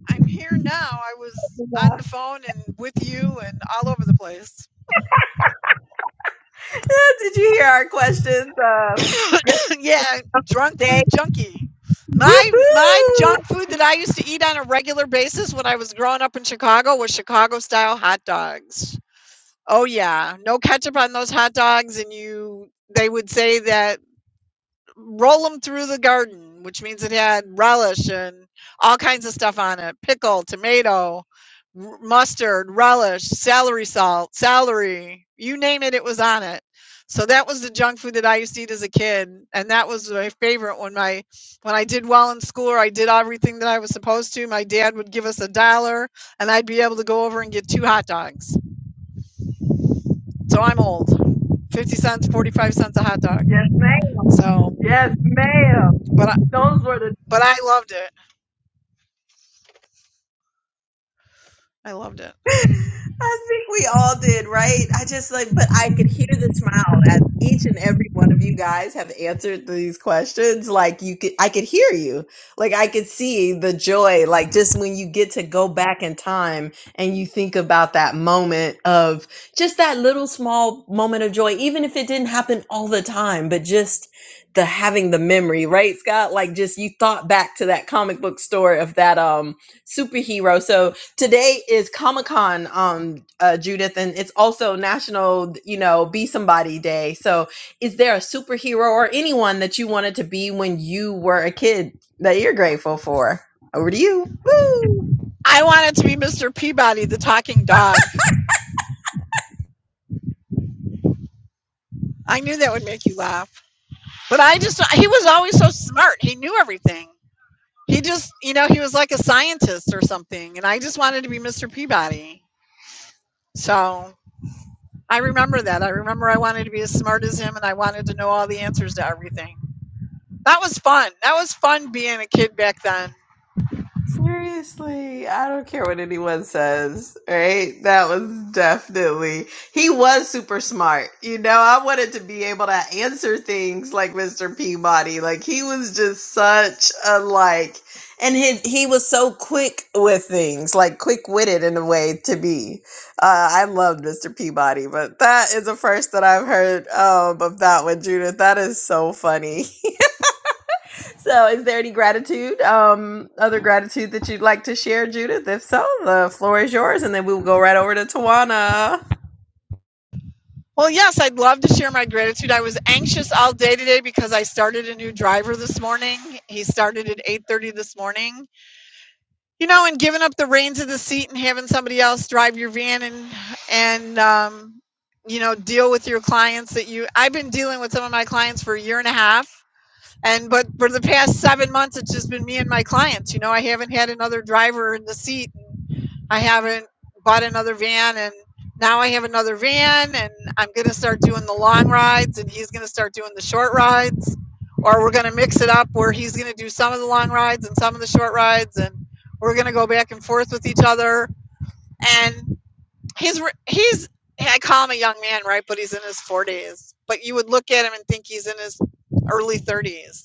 Speaker 6: I'm here now. I was on
Speaker 2: Yeah.
Speaker 6: the phone and with you and all over the place.
Speaker 2: Did you hear our questions? Uh, great
Speaker 6: yeah, drunk
Speaker 2: day.
Speaker 6: food junkie. My my
Speaker 2: Woohoo!
Speaker 6: junk food that I used to eat on a regular basis when I was growing up in Chicago was Chicago style hot dogs. Oh yeah, no ketchup on those hot dogs and you they would say that roll them through the garden, which means it had relish and all kinds of stuff on it pickle, tomato, r- mustard, relish, celery salt, celery you name it, it was on it. So that was the junk food that I used to eat as a kid, and that was my favorite. When my when I did well in school, or I did everything that I was supposed to. My dad would give us a dollar, and I'd be able to go over and get two hot dogs. So I'm old, fifty cents, forty five cents a hot dog.
Speaker 2: Yes, ma'am.
Speaker 6: So,
Speaker 2: Yes, ma'am.
Speaker 6: but I
Speaker 2: Those were the.
Speaker 6: but I loved it. I loved it.
Speaker 2: I think we all did, right? I just like, but I could hear the smile as each and every one of you guys have answered these questions. Like, you could, I could hear you. Like, I could see the joy. Like, just when you get to go back in time and you think about that moment of just that little small moment of joy, even if it didn't happen all the time, but just the having the memory, right, Scott? Like, just you thought back to that comic book story of that, um, superhero. So, Today is Comic Con, um, uh, Judith, and it's also National, you know, Be Somebody Day. So, is there a superhero or anyone that you wanted to be when you were a kid that you're grateful for? Over to you. Woo!
Speaker 6: I wanted to be Mr. Peabody, the talking dog. I knew that would make you laugh. But I just, he was always so smart. He knew everything. He just, you know, he was like a scientist or something. And I just wanted to be Mr. Peabody. So I remember that. I remember I wanted to be as smart as him and I wanted to know all the answers to everything. That was fun. That was fun being a kid back then.
Speaker 2: Seriously, I don't care what anyone says, right? That was definitely, he was super smart. You know, I wanted to be able to answer things like Mr. Peabody. Like, he was just such a like, and he, he was so quick with things, like quick witted in a way to be. Uh, I loved Mr. Peabody, but that is the first that I've heard um, of that one, Judith. That is so funny. So, is there any gratitude, um, other gratitude that you'd like to share, Judith? If so, the floor is yours, and then we will go right over to Tawana.
Speaker 6: Well, yes, I'd love to share my gratitude. I was anxious all day today because I started a new driver this morning. He started at 8:30 this morning You know, and giving up the reins of the seat and having somebody else drive your van and and um, you know deal with your clients that you. I've been dealing with some of my clients for a year and a half, and but for the past seven months, it's just been me and my clients. You know, I haven't had another driver in the seat. And I haven't bought another van, and now I have another van, and I'm going to start doing the long rides, and he's going to start doing the short rides, or we're going to mix it up where he's going to do some of the long rides and some of the short rides, and we're going to go back and forth with each other. And he's he's I call him a young man, right? But he's in his 40s. But you would look at him and think he's in his early 30s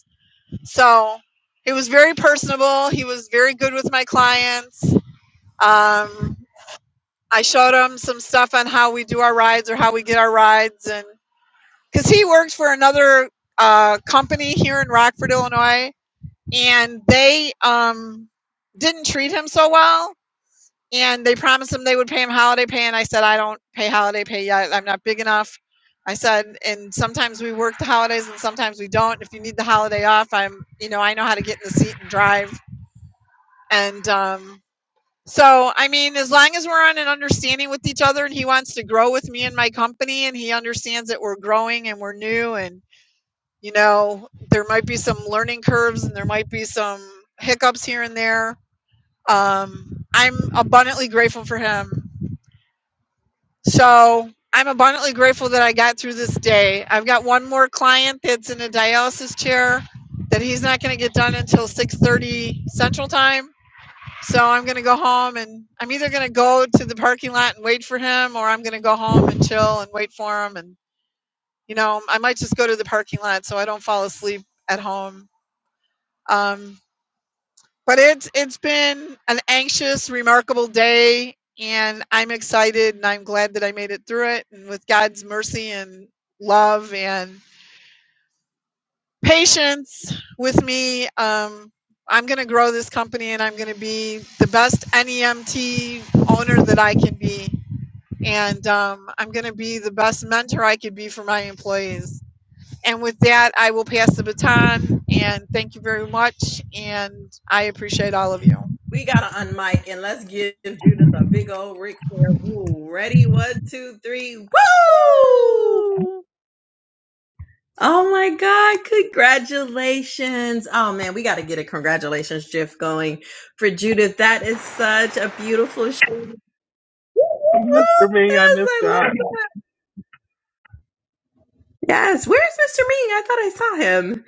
Speaker 6: so he was very personable. He was very good with my clients. Um, I showed him some stuff on how we do our rides or how we get our rides, and because he works for another uh, company here in Rockford, Illinois, and they um, didn't treat him so well. And they promised him they would pay him holiday pay, and I said I don't pay holiday pay yet. I'm not big enough. I said, and sometimes we work the holidays and sometimes we don't. If you need the holiday off, I'm, you know, I know how to get in the seat and drive. And um, so, I mean, as long as we're on an understanding with each other and he wants to grow with me and my company and he understands that we're growing and we're new and, you know, there might be some learning curves and there might be some hiccups here and there. Um, I'm abundantly grateful for him. So, I'm abundantly grateful that I got through this day. I've got one more client that's in a dialysis chair that he's not going to get done until 6:30 Central Time So I'm going to go home and I'm either going to go to the parking lot and wait for him or I'm going to go home and chill and wait for him. And, you know, I might just go to the parking lot so I don't fall asleep at home. Um, but it's, it's been an anxious, remarkable day and I'm excited and I'm glad that I made it through it. And with God's mercy and love and patience with me, um, I'm going to grow this company and I'm going to be the best NEMT owner that I can be and um, I'm going to be the best mentor I could be for my employees. And with that, I will pass the baton. And thank you very much. And I appreciate all of you.
Speaker 2: We gotta unmic and let's give Judith a big old Ric Flair woo. Ready? One, two, three, woo! Oh my God! Congratulations! Oh man, we gotta get a congratulations GIF going for Judith. That is such a beautiful. Sh- Woo, woo,
Speaker 1: Mr.
Speaker 2: woo.
Speaker 1: Me, I
Speaker 2: Yes,
Speaker 1: missed
Speaker 2: I
Speaker 1: that.
Speaker 2: love. Yes, where's Mr. Me? I thought I saw him.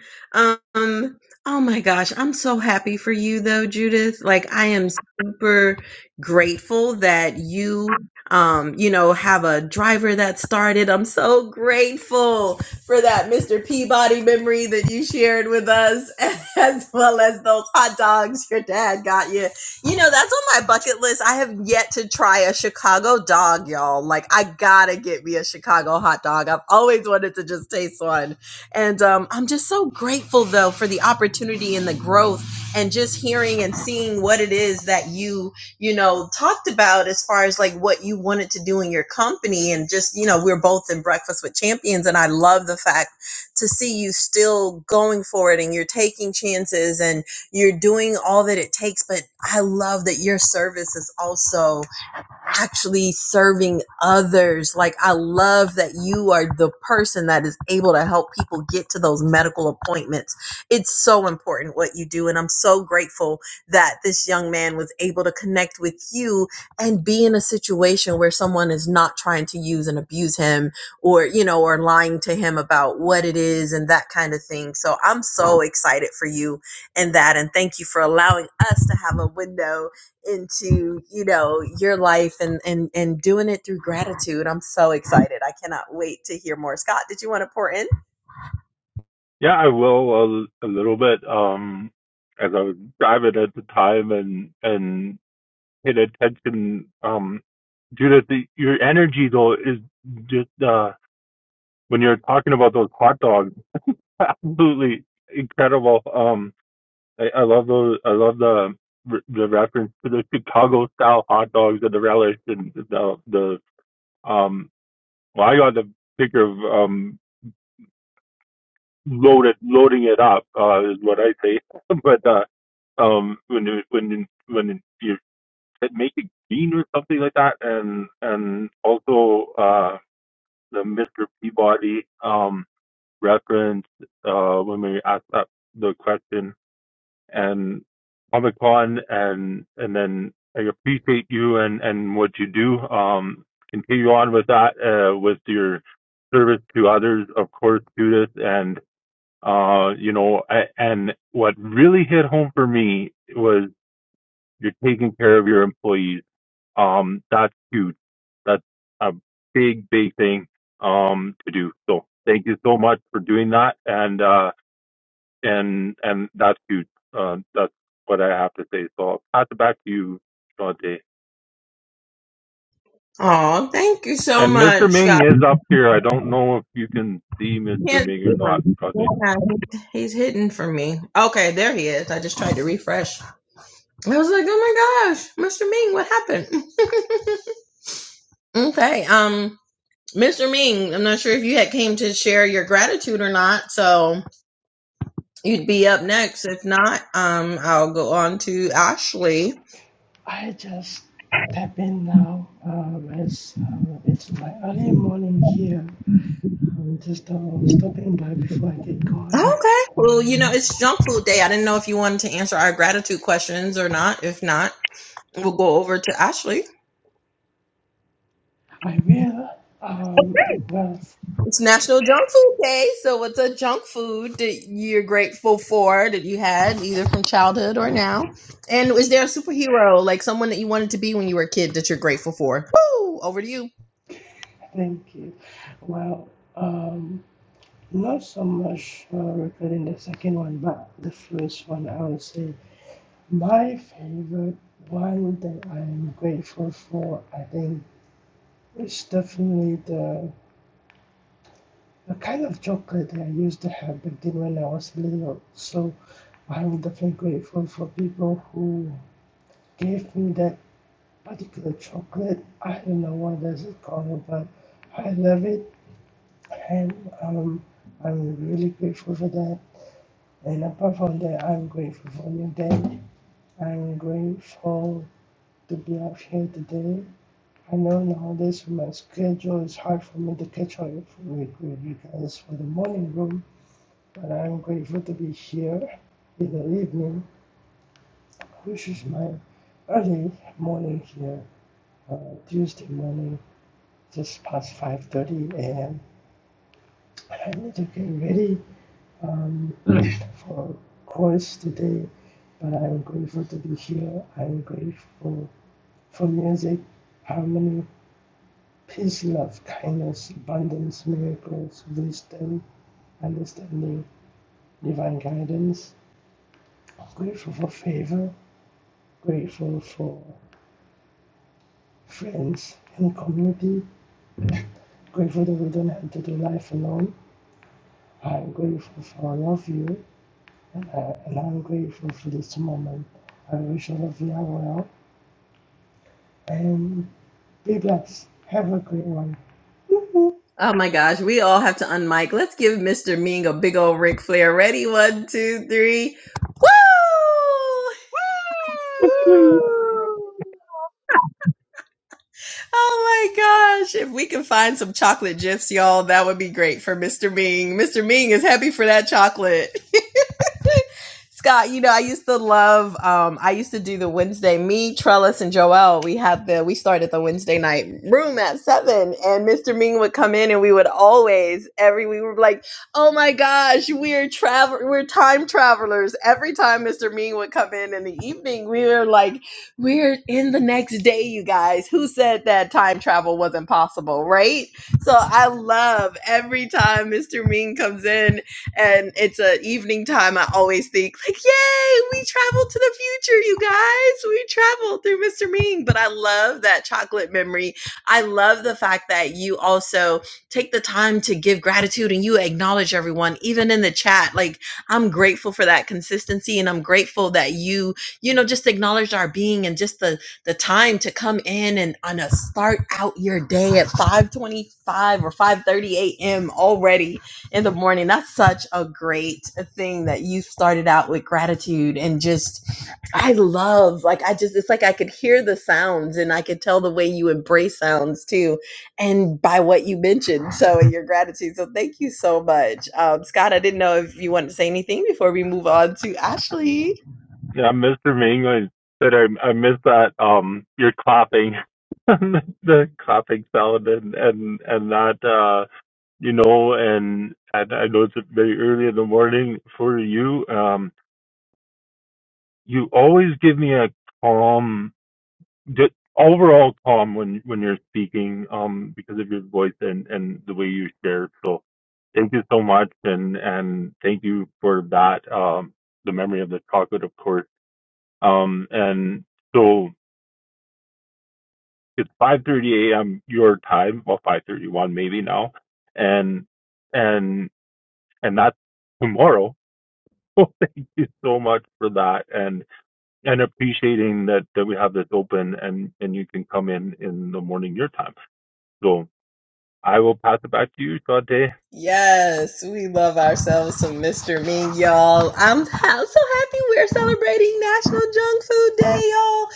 Speaker 2: Um, oh my gosh, I'm so happy for you though, Judith. Like I am super grateful that you um, you know, have a driver that started. I'm so grateful for that Mr. Peabody memory that you shared with us, as well as those hot dogs your dad got you. You know, that's on my bucket list. I have yet to try a Chicago dog, y'all. Like, I gotta get me a Chicago hot dog. I've always wanted to just taste one. And um, I'm just so grateful, though, for the opportunity and the growth and just hearing and seeing what it is that you, you know, talked about as far as like what you wanted to do in your company. And just, you know, we're both in Breakfast with Champions. And I love the fact to see you still going for it and you're taking chances and you're doing all that it takes, but I love that your service is also actually serving others. Like, I love that you are the person that is able to help people get to those medical appointments. It's so important what you do. And I'm so grateful that this young man was able to connect with you and be in a situation where someone is not trying to use and abuse him or, you know, or lying to him about what it is and that kind of thing. So I'm so excited for you and that. And thank you for allowing us to have a window into you know your life and and and doing it through gratitude i'm so excited i cannot wait to hear more scott did you want to pour in
Speaker 1: Yeah, I will a, a little bit. Um, as I was driving at the time and and paid attention. Um, Judith, the, your energy though is just uh when you're talking about those hot dogs, absolutely incredible. Um. I, I love those. I love the the reference to the Chicago style hot dogs and the relish and the the um. Well, I got the picture of um loaded loading it up uh, is what I say. but uh, um, when you- when you- when you make a green or something like that, and and also uh the Mr. Peabody um reference uh when we asked that the question um, Comic Con, and and then I appreciate you and and what you do. Um, continue on with that uh, with your service to others, of course, Judith, and uh, you know, I, and what really hit home for me was you're taking care of your employees. Um, that's huge. That's a big, big thing um to do. So thank you so much for doing that, and uh, and and that's huge. Uh, that's what I have to say. So I'll pass it back to you, Shante.
Speaker 2: Oh, thank you so
Speaker 1: And Mr.
Speaker 2: much.
Speaker 1: Ming
Speaker 2: God,
Speaker 1: is up here. I don't know if you can see
Speaker 2: I
Speaker 1: Mr.
Speaker 2: can't
Speaker 1: Ming or
Speaker 2: see
Speaker 1: not,
Speaker 2: him.
Speaker 1: Shante.
Speaker 2: Yeah, He's hidden from me. Okay, there he is. I just tried to refresh. I was like, oh my gosh, Mr. Ming, what happened? okay, um, Mr. Ming, I'm not sure if you had came to share your gratitude or not. So You'd be up next. If not, um, I'll go on to Ashley.
Speaker 7: I just tap in now. Um, it's um, it's my early morning here. I'm just uh, stopping by before I get going.
Speaker 2: Okay. Well, you know, it's junk food day. I didn't know if you wanted to answer our gratitude questions or not. If not, we'll go over to Ashley.
Speaker 7: I will. Um, well,
Speaker 2: It's National Junk Food Day. So, what's a junk food that you're grateful for that you had either from childhood or now? And is there a superhero, like someone that you wanted to be when you were a kid, that you're grateful for? Woo! Over to you.
Speaker 7: thank you. Well, um, not so much uh, regarding the second one, but the first one. I would say my favorite one that I'm grateful for. I think it's definitely the The kind of chocolate that I used to have back then when I was little. So I'm definitely grateful for people who gave me that particular chocolate. I don't know what does it called, but I love it, and um, I'm really grateful for that. And apart from that, I'm grateful for you, Dan. I'm grateful to be out here today. I know nowadays my schedule is hard for me to catch up with you guys for the morning room, but I'm grateful to be here in the evening. This is my early morning here, uh, Tuesday morning, just past 5.30 a.m. I need to get ready um, for course today, but I'm grateful to be here. I'm grateful for music, harmony, peace, love, kindness, abundance, miracles, wisdom, understanding, divine guidance. I'm grateful for favor, grateful for friends and community. Grateful that we don't have to do life alone. I'm grateful for all of you, and, I, and I'm grateful for this moment. I wish all of you are well, and be blessed. Have a great one.
Speaker 2: Oh my gosh, we all have to unmic. Let's give Mr. Ming a big old Ric Flair. Ready? One, two, three. Woo!
Speaker 5: Woo!
Speaker 2: Oh my gosh. If we can find some chocolate gifs, y'all, that would be great for Mr. Ming. Mr. Ming is happy for that chocolate. Scott, you know, I used to love um I used to do the Wednesday me, Trellis and Joel. We had the we started the Wednesday night room at 7 and Mr. Ming would come in and we would always every we were like, "Oh my gosh, we're travel we're time travelers." Every time Mr. Ming would come in in the evening, we were like we're in the next day, you guys. Who said that time travel wasn't possible, right? So I love every time Mr. Ming comes in and it's an evening time, I always think, like, yay, we traveled to the future, you guys. We traveled through Mr. Ming. But I love that chocolate memory. I love the fact that you also take the time to give gratitude and you acknowledge everyone, even in the chat. Like, I'm grateful for that consistency and I'm grateful that you you know just acknowledge our being and just the the time to come in and on a start out your day at 5:25 or 5:30 a.m. already in the morning that's such a great thing that you started out with gratitude and just I love like I just it's like I could hear the sounds and I could tell the way you embrace sounds too and by what you mentioned so in your gratitude so thank you so much um, Scott I didn't know if you wanted to say anything before we move on to Ashley
Speaker 1: Yeah, Mr. Ming, I said I, I missed that. Um, you're clapping, the clapping sound, and and and that uh, you know, and and I know it's very early in the morning for you. Um, you always give me a calm d- overall calm when when you're speaking um because of your voice and and the way you share so thank you so much and and thank you for that um the memory of the chocolate of course um and so it's 5:30 a.m. your time well 5:31 maybe now and and and that's tomorrow so thank you so much for that and and appreciating that that we have this open and and you can come in in the morning your time So. I will pass it back to you, Sade.
Speaker 2: Yes, we love ourselves some Mr. Ming, y'all. I'm ha- so happy we're celebrating National Junk Food Day, y'all.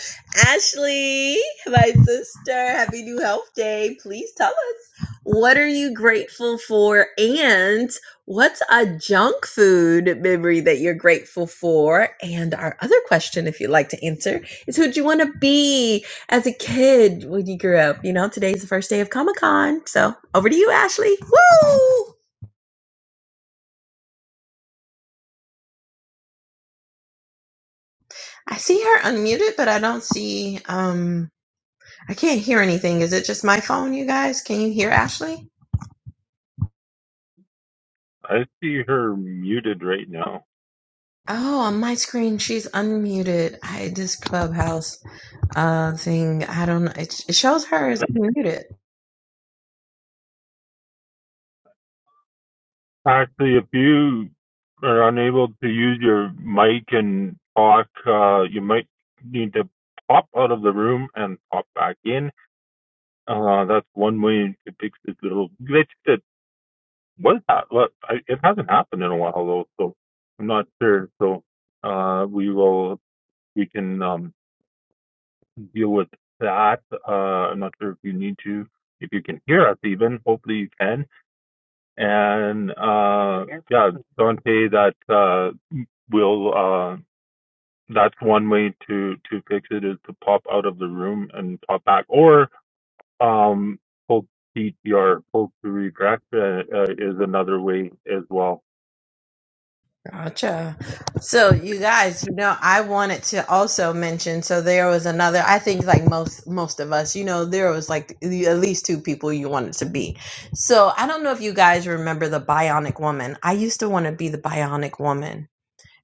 Speaker 2: Ashley, my sister, happy New Health Day. Please tell us what are you grateful for and what's a junk food memory that you're grateful for? And our other question, if you'd like to answer, is who'd you want to be? as a kid when you grew up. You know, today's the first day of Comic Con. So over to you, Ashley. Woo! I see her unmuted, but I don't see um I can't hear anything. Is it just my phone, you guys? Can you hear Ashley?
Speaker 1: I see her muted right now.
Speaker 2: Oh, on my screen she's unmuted. I this clubhouse uh thing. I don't know. It, it shows her as unmuted.
Speaker 1: Actually, if you are unable to use your mic and talk, uh, you might need to pop out of the room and pop back in. Uh, that's one way to fix this little glitch that was ha- well, I, it hasn't happened in a while though, so I'm not sure. So uh, we will we can um, deal with that. Uh, I'm not sure if you need to, if you can hear us even. Hopefully you can. And uh, yeah, Dante, that uh, will uh, that's one way to to fix it is to pop out of the room and pop back, or um, full PTR, full to regress uh, uh, is another way as well.
Speaker 2: Gotcha. So you guys, you know, I wanted to also mention. So there was another. I think like most most of us, you know, there was like the- at least two people you wanted to be. So I don't know if you guys remember the Bionic Woman. I used to want to be the Bionic Woman.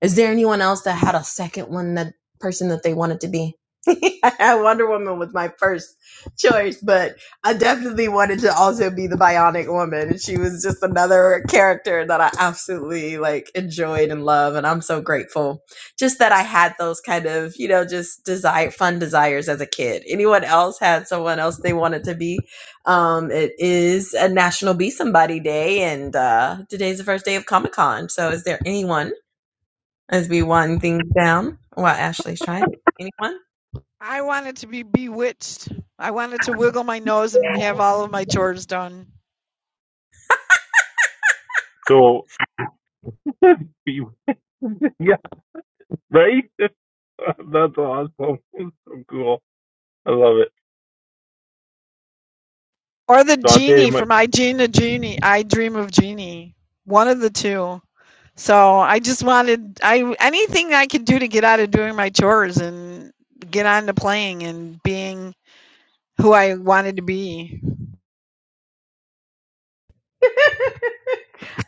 Speaker 2: Is there anyone else that had a second one that person that they wanted to be? Wonder Woman was my first choice, but I definitely wanted to also be the Bionic Woman. She was just another character that I absolutely like enjoyed and love, and I'm so grateful just that I had those kind of you know just desire fun desires as a kid. Anyone else had someone else they wanted to be? Um, it is a National Be Somebody Day, and uh, today's the first day of Comic Con. So, is there anyone? As we wind things down while Ashley's trying. Anyone?
Speaker 6: I wanted to be bewitched. I wanted to wiggle my nose and have all of my chores done.
Speaker 1: So yeah, right. that's awesome. so cool. I love it,
Speaker 6: Or the
Speaker 1: Dante.
Speaker 6: genie
Speaker 1: My,
Speaker 6: from I Gina Genie. I dream of genie. One of the two. So I just wanted I anything I could do to get out of doing my chores and get on to playing and being who I wanted to be.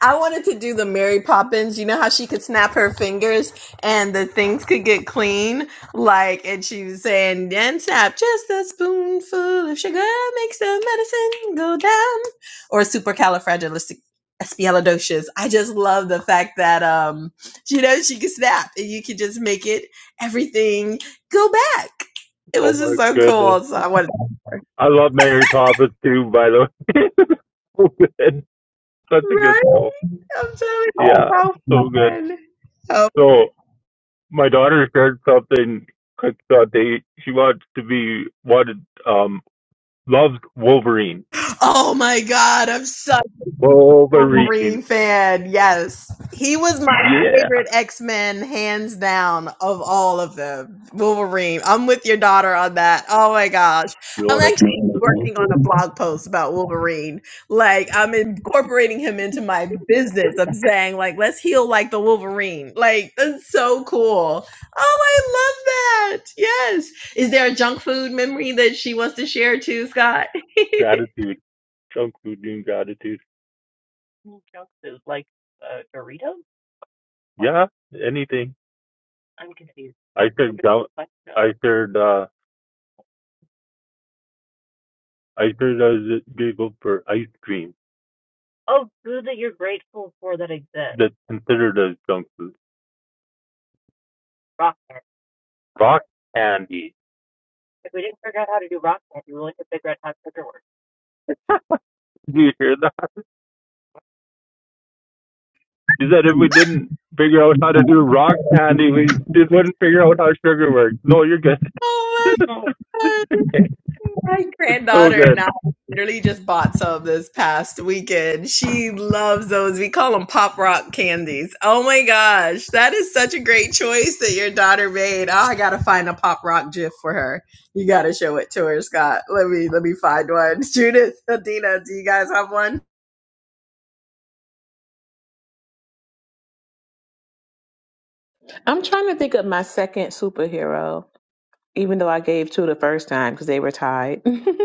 Speaker 2: I wanted to do the Mary Poppins. You know how she could snap her fingers and the things could get clean? Like, and she was saying, and snap just a spoonful of sugar makes the medicine go down. Or supercalifragilisticexpialidocious. I just love the fact that, um, you know, she could snap and you could just make it everything go back. It
Speaker 1: oh
Speaker 2: was
Speaker 1: my
Speaker 2: just so
Speaker 1: goodness.
Speaker 2: cool. So I wanted
Speaker 1: I love Mary Poppins too, by the way. so good. That's a good
Speaker 2: Right?
Speaker 1: school.
Speaker 2: I'm telling you, how
Speaker 1: Yeah, so good.
Speaker 2: fun. How
Speaker 1: So my daughter shared something quick they she wants to be wanted um loves Wolverine.
Speaker 2: Oh my god, I'm such a
Speaker 1: Wolverine.
Speaker 2: Wolverine fan. Yes. He was my
Speaker 1: Yeah.
Speaker 2: favorite X-Men hands down of all of them. Wolverine. I'm with your daughter on that. Oh my gosh.
Speaker 1: You
Speaker 2: I'm
Speaker 1: wanna
Speaker 2: actually
Speaker 1: talk to her about
Speaker 2: working on a blog post about Wolverine. Like I'm incorporating him into my business. I'm saying like let's heal like the Wolverine. Like that's so cool. Oh, I love that. Yes. Is there a junk food memory that she wants to share too, Scott?
Speaker 1: gratitude. Junk food doing gratitude. Junk food like uh, Doritos? Yeah, anything. I am confused. I shared I shared uh I shared I was giggled for ice cream. Oh, food that you're grateful for that exists. That's considered as junk food. Rock candy. Rock candy. If we didn't figure out how to do rock candy, we wouldn't figure out how to sugar works. Do you hear that? He said if we didn't figure out how to do rock candy, we wouldn't figure out how sugar works. No, you're good.
Speaker 2: Oh my God.
Speaker 1: Oh.
Speaker 2: My
Speaker 1: so
Speaker 2: granddaughter and
Speaker 1: good.
Speaker 2: I literally just bought some this past weekend. She loves those. We call them pop rock candies. Oh my gosh. That is such a great choice that your daughter made. Oh, I gotta find a pop rock gif for her. You gotta show it to her, Scott. Let me let me find one. Judith, Adina, do you guys have one?
Speaker 5: I'm trying to think of my second superhero. even though I gave two the first time because they were tied.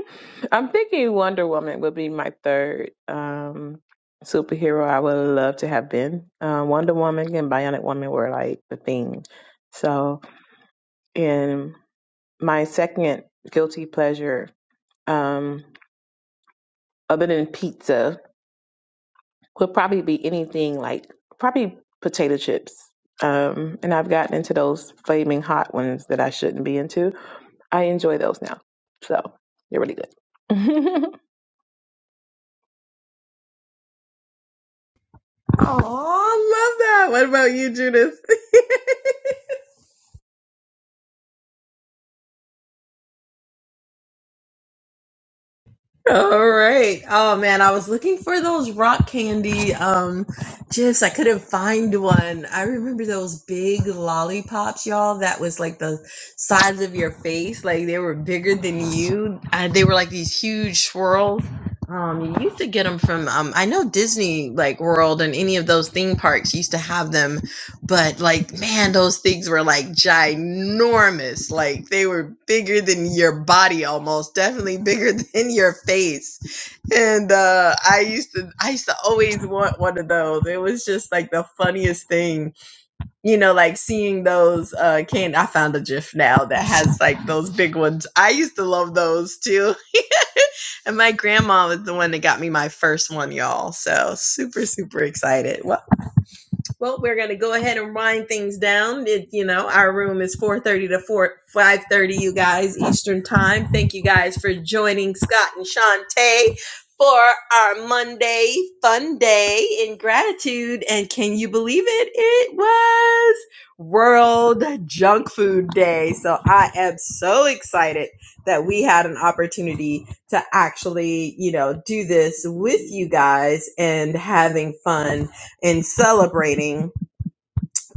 Speaker 5: I'm thinking Wonder Woman would be my third um, superhero I would love to have been. Uh, Wonder Woman and Bionic Woman were like the theme. So, in my second guilty pleasure, um, other than pizza, would probably be anything like probably potato chips. Um, and I've gotten into those flaming hot ones that I shouldn't be into I enjoy those now. So they're really good.
Speaker 2: Oh, love that. What about you, Judith? All right. Oh man, I was looking for those rock candy um gifs. I couldn't find one. I remember those big lollipops, y'all, that was like the size of your face. Like they were bigger than you. Uh, they were like these huge swirls. Um, you used to get them from um I know Disney like World and any of those theme parks used to have them but like man those things were like ginormous like they were bigger than your body almost definitely bigger than your face and uh i used to i used to always want one of those it was just like the funniest thing you know like seeing those uh can i found a gif now that has like those big ones i used to love those too and my grandma was the one that got me my first one y'all so super super excited Well. Well, we're gonna go ahead and wind things down. It, you know, our room is four thirty to four five thirty, you guys, Eastern time. Thank you guys for joining Scott and Shantae for our Monday fun day in gratitude. And can you believe it? It was World Junk Food Day. So I am so excited that we had an opportunity to actually, you know, do this with you guys and having fun in celebrating,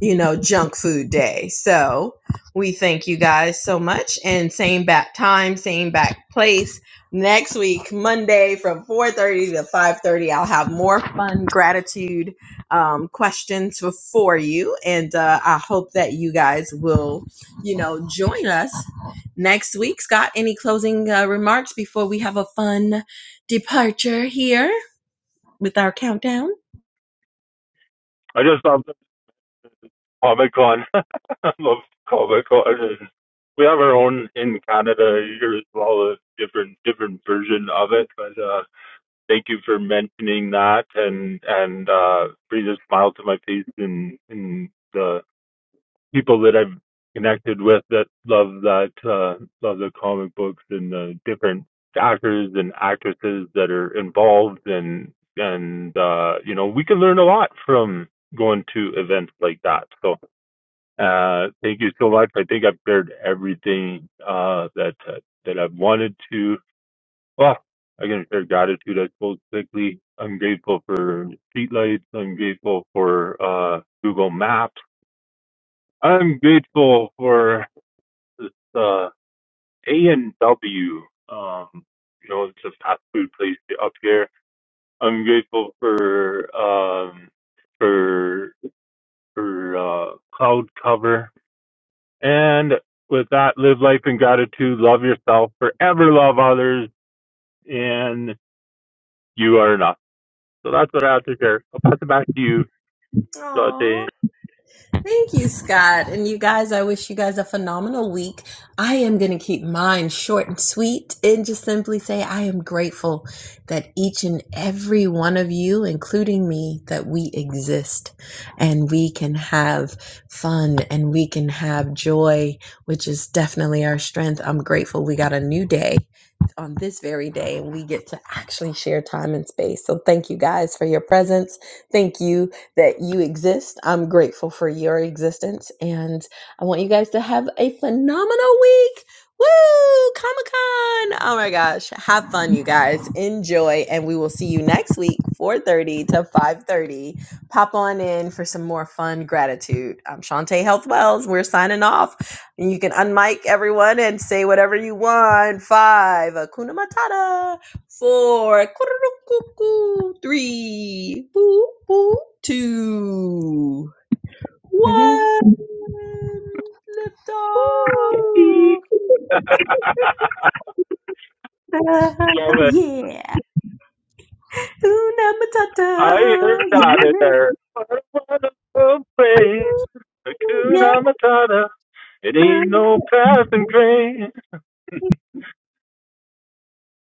Speaker 2: you know, Junk Food Day. So we thank you guys so much. And same back time, same back place. Next week, Monday from 4.30 to 5.30, I'll have more fun gratitude um, questions for you. And uh, I hope that you guys will, you know, join us next week. Scott, any closing uh, remarks before we have a fun departure here? With them?
Speaker 1: I just love Comic Con. I love Comic Con. We have our own in Canada here as well, a different different version of it. But uh, thank you for mentioning that and and uh brings a smile to my face and and the people that I've connected with that love that uh love the comic books and the different actors and actresses that are involved and and uh you know we can learn a lot from going to events like that so uh thank you so much i think i've shared everything uh that uh, that i've wanted to well, I can share gratitude, I suppose, quickly. I'm grateful for streetlights. I'm grateful for uh, Google Maps. I'm grateful for the A&W. Um, you know, it's a fast food place up here. I'm grateful for um, for for uh, cloud cover. And with that, live life in gratitude. Love yourself. Forever love others. And you are enough. So that's what I have to share. I'll pass it back to you.
Speaker 2: Aww.
Speaker 1: bloody
Speaker 2: Thank you, Scott. And you guys, I wish you guys a phenomenal week. I am going to keep mine short and sweet and just simply say I am grateful that each and every one of you, including me, that we exist and we can have fun and we can have joy, which is definitely our strength. I'm grateful we got a new day on this very day and we get to actually share time and space. So thank you guys for your presence. Thank you that you exist. I'm grateful for your existence. And I want you guys to have a phenomenal week. Woo! Comic Con! Oh my gosh. Have fun, you guys. Enjoy. And we will see you next week, 4.30 to 5.30. Pop on in for some more fun gratitude. I'm Shantae Health Wells. We're signing off. And you can unmic everyone and say whatever you want. Five. Akuna Matata. Four, three, two, one. lift off.
Speaker 1: eek. love it.
Speaker 2: Una
Speaker 1: I
Speaker 2: matata,
Speaker 1: heard that in
Speaker 5: Woo!
Speaker 1: there. What a wonderful place,
Speaker 2: yeah,
Speaker 1: Hakuna Matata. It
Speaker 2: yeah.
Speaker 1: ain't no passing train.